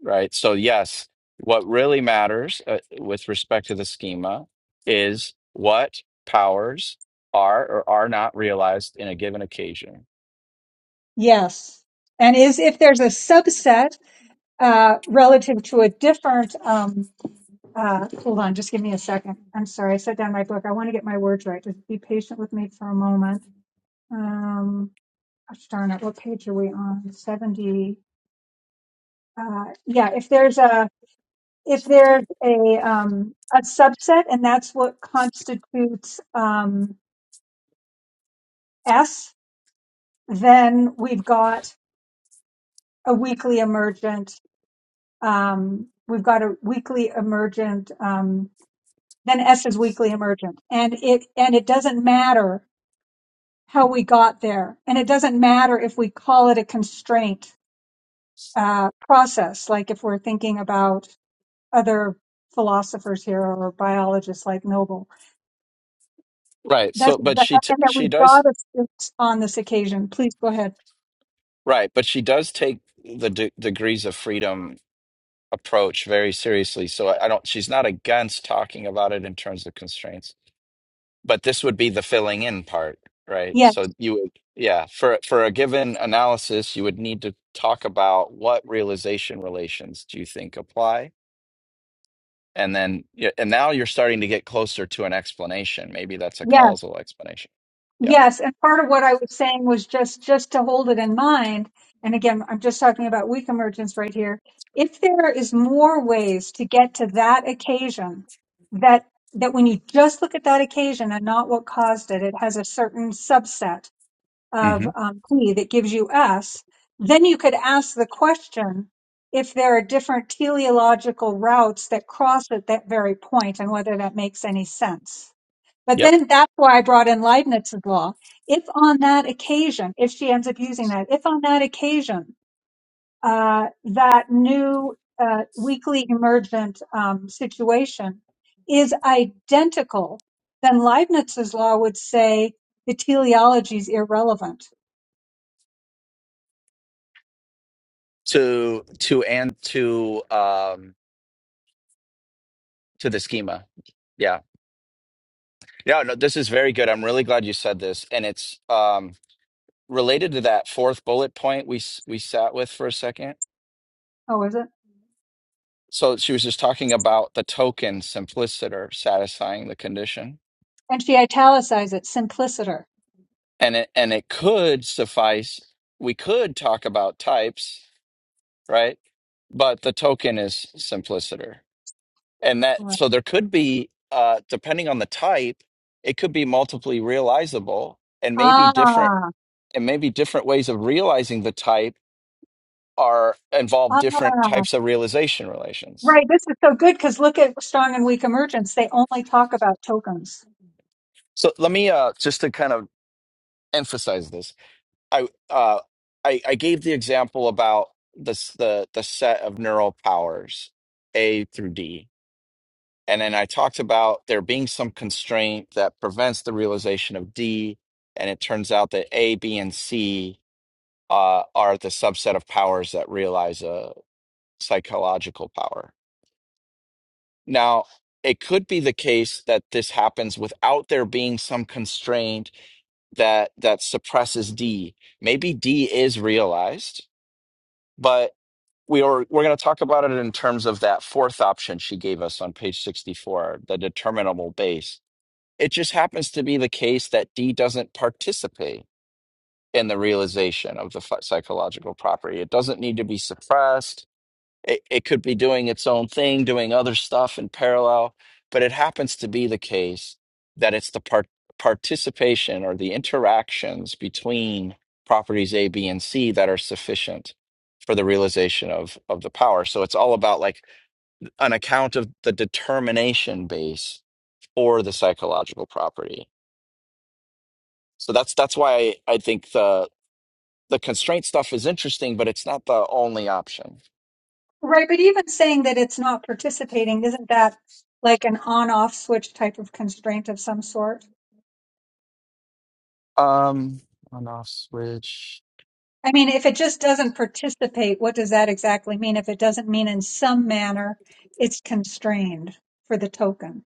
right? So yes, what really matters uh, with respect to the schema is what powers are or are not realized in a given occasion. Yes. And is if there's a subset uh, relative to a different. Um, uh, hold on, just give me a second. I'm sorry, I set down my book. I want to get my words right. Just be patient with me for a moment. Um, gosh darn it, what page are we on? Seventy. Uh, yeah, if there's a if there's a um, a subset, and that's what constitutes um, S, then we've got a weekly emergent. Um, we've got a weekly emergent. Um, than S's weekly emergent. And it and it doesn't matter how we got there, and it doesn't matter if we call it a constraint uh, process, like if we're thinking about other philosophers here or biologists like Noble. Right. So That's and but she t that she we've does got to fix on this occasion. Please go ahead. Right, but she does take the de degrees of freedom approach very seriously. So I, I don't, she's not against talking about it in terms of constraints, but this would be the filling in part, right? Yes, So you would, yeah, for for a given analysis, you would need to talk about what realization relations do you think apply? And then, yeah, and now you're starting to get closer to an explanation. Maybe that's a yes. causal explanation. Yep. Yes, and part of what I was saying was just just to hold it in mind. And again, I'm just talking about weak emergence right here. If there is more ways to get to that occasion, that that when you just look at that occasion and not what caused it, it has a certain subset of hmm um, P that gives you S. Then you could ask the question if there are different teleological routes that cross at that very point and whether that makes any sense. But Yep. then that's why I brought in Leibniz's law. If on that occasion, if she ends up using that, if on that occasion uh, that new uh, weekly emergent um, situation is identical, then Leibniz's law would say the teleology is irrelevant. To to and to um to the schema. Yeah. Yeah, no, this is very good. I'm really glad you said this, and it's um, related to that fourth bullet point we s- we sat with for a second. Oh, is it? So she was just talking about the token simpliciter satisfying the condition, And she italicized it, simpliciter. and it and it could suffice. We could talk about types, right? But the token is simpliciter, and that Right. so there could be, uh, depending on the type, it could be multiply realizable, and maybe Ah, different, and maybe different ways of realizing the type are involve different ah, types of realization relations. right. This is so good because look at strong and weak emergence. They only talk about tokens. So let me uh, just to kind of emphasize this. I uh, I, I gave the example about this the the set of neural powers A through D, and then I talked about there being some constraint that prevents the realization of D, and it turns out that A, B, and C uh, are the subset of powers that realize a psychological power Now, it could be the case that this happens without there being some constraint that that suppresses D. Maybe D is realized, but we are we're going to talk about it in terms of that fourth option she gave us on page 64, the determinable base. It just happens to be the case that D doesn't participate in the realization of the ph- psychological property. It doesn't need to be suppressed it, it could be doing its own thing, doing other stuff in parallel, but it happens to be the case that it's the part participation or the interactions between properties A, B, and C that are sufficient for the realization of of the power. So it's all about like an account of the determination base or the psychological property. So that's that's why I, I think the the constraint stuff is interesting, but it's not the only option. Right. But even saying that it's not participating, isn't that like an on off switch type of constraint of some sort? Um on off switch. I mean, if it just doesn't participate, what does that exactly mean? If it doesn't mean in some manner it's constrained for the token.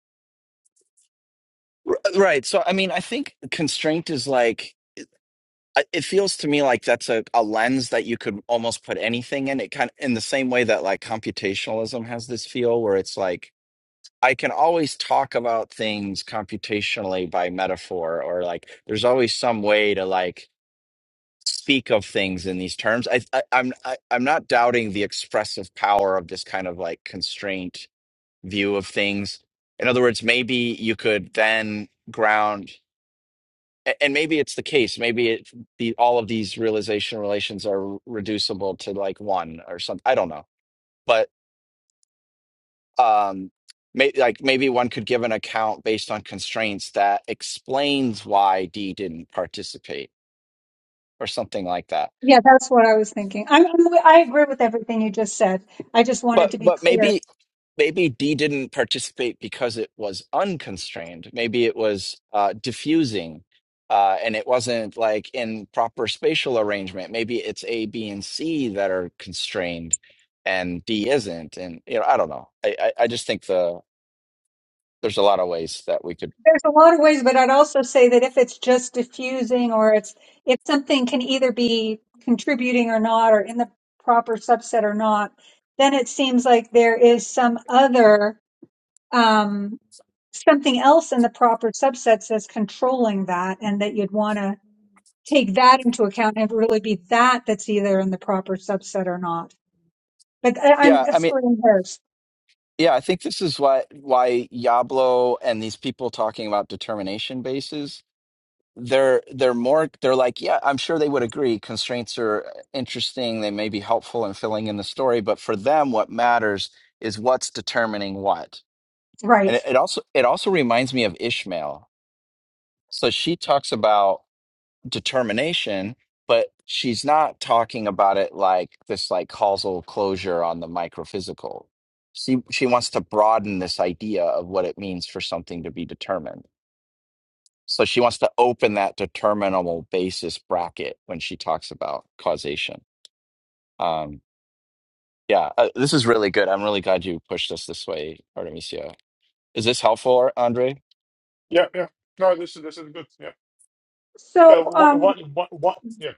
R- uh, Right. So, I mean, I think constraint is like, I- it feels to me like that's a, a lens that you could almost put anything in. It kind of in the same way that like computationalism has this feel where it's like, I can always talk about things computationally by metaphor, or like there's always some way to like speak of things in these terms. I, I I'm I, I'm not doubting the expressive power of this kind of like constraint view of things. In other words, maybe you could then ground. a- and maybe it's the case maybe it the all of these realization relations are reducible to like one or something i don't know but um may, like maybe one could give an account based on constraints that explains why d didn't participate or something like that Yeah, that's what I was thinking. I'm, I'm, I agree with everything you just said. I just wanted But to be but clear. maybe maybe D didn't participate because it was unconstrained. Maybe it was uh, diffusing, uh, and it wasn't like in proper spatial arrangement. Maybe it's A, B, and C that are constrained, and D isn't. And you know, I don't know. I I, I just think the there's a lot of ways that we could. There's a lot of ways, but I'd also say that if it's just diffusing or it's if something can either be contributing or not or in the proper subset or not, then it seems like there is some other um, something else in the proper subsets that's controlling that, and that you'd want to take that into account and really be that that's either in the proper subset or not. But I, I'm Yeah, I mean. spurring hers, Yeah, I think this is why why Yablo and these people talking about determination bases they're they're more they're like yeah i'm sure they would agree constraints are interesting they may be helpful in filling in the story but for them what matters is what's determining what Right. and it, it also it also reminds me of ishmael so she talks about determination but she's not talking about it like this like causal closure on the microphysical she she wants to broaden this idea of what it means for something to be determined so she wants to open that determinable basis bracket when she talks about causation. Um, yeah, uh, this is really good. I'm really glad you pushed us this way, Artemisia. Is this helpful, Andre? Yeah, yeah. No, this is this is good. Yeah. So, Uh, what um, what what what? Yeah.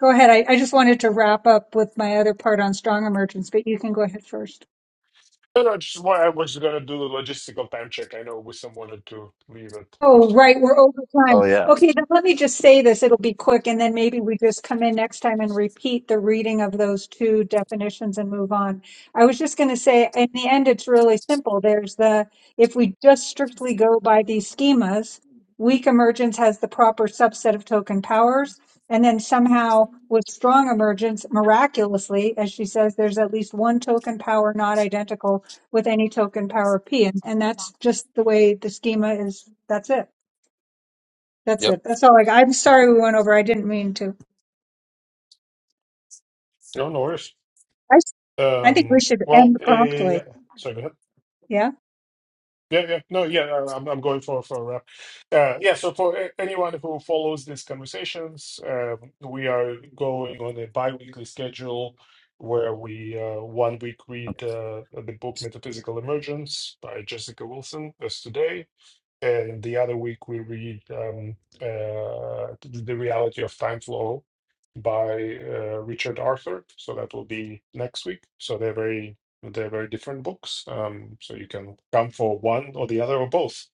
go ahead. I, I just wanted to wrap up with my other part on strong emergence, but you can go ahead first. No, no, just why I was gonna do the logistical time check. I know with someone had to leave at Oh, fifteen. right, we're over time. Oh yeah. Okay, then let me just say this, it'll be quick, and then maybe we just come in next time and repeat the reading of those two definitions and move on. I was just going to say, in the end, it's really simple. There's the, if we just strictly go by these schemas, weak emergence has the proper subset of token powers, and then somehow with strong emergence, miraculously, as she says, there's at least one token power not identical with any token power P. And, and that's just the way the schema is. That's it. Yep. That's it. That's all. Like, I'm sorry we went over. I didn't mean to. No, no worries. I, s- I think we Um. should Well, end promptly. uh, sorry. Go ahead. Yeah. Yeah, yeah, no, yeah, uh, I'm, I'm going for for a wrap. Uh, yeah, so for a- anyone who follows these conversations, um we are going on a bi-weekly schedule where we uh, one week read uh, the book Metaphysical Emergence by Jessica Wilson as today, and the other week we read um, uh, The Reality of Time Flow by uh, Richard Arthur. So that will be next week. So they're very they're very different books. Um, so you can come for one or the other or both.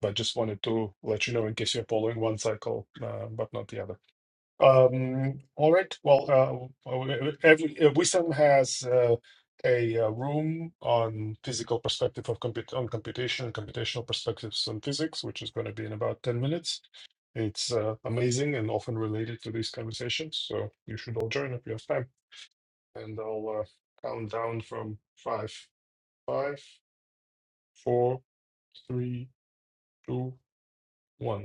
But just wanted to let you know in case you're following one cycle, uh, but not the other. Um, all right. Well, uh, uh, every uh, wisdom has uh, a uh, room on physical perspective of comput on computation and computational perspectives on physics, which is going to be in about 10 minutes. It's uh, amazing and often related to these conversations. So you should all join if you have time. And I'll uh, count down from five, five, four, three, two, one.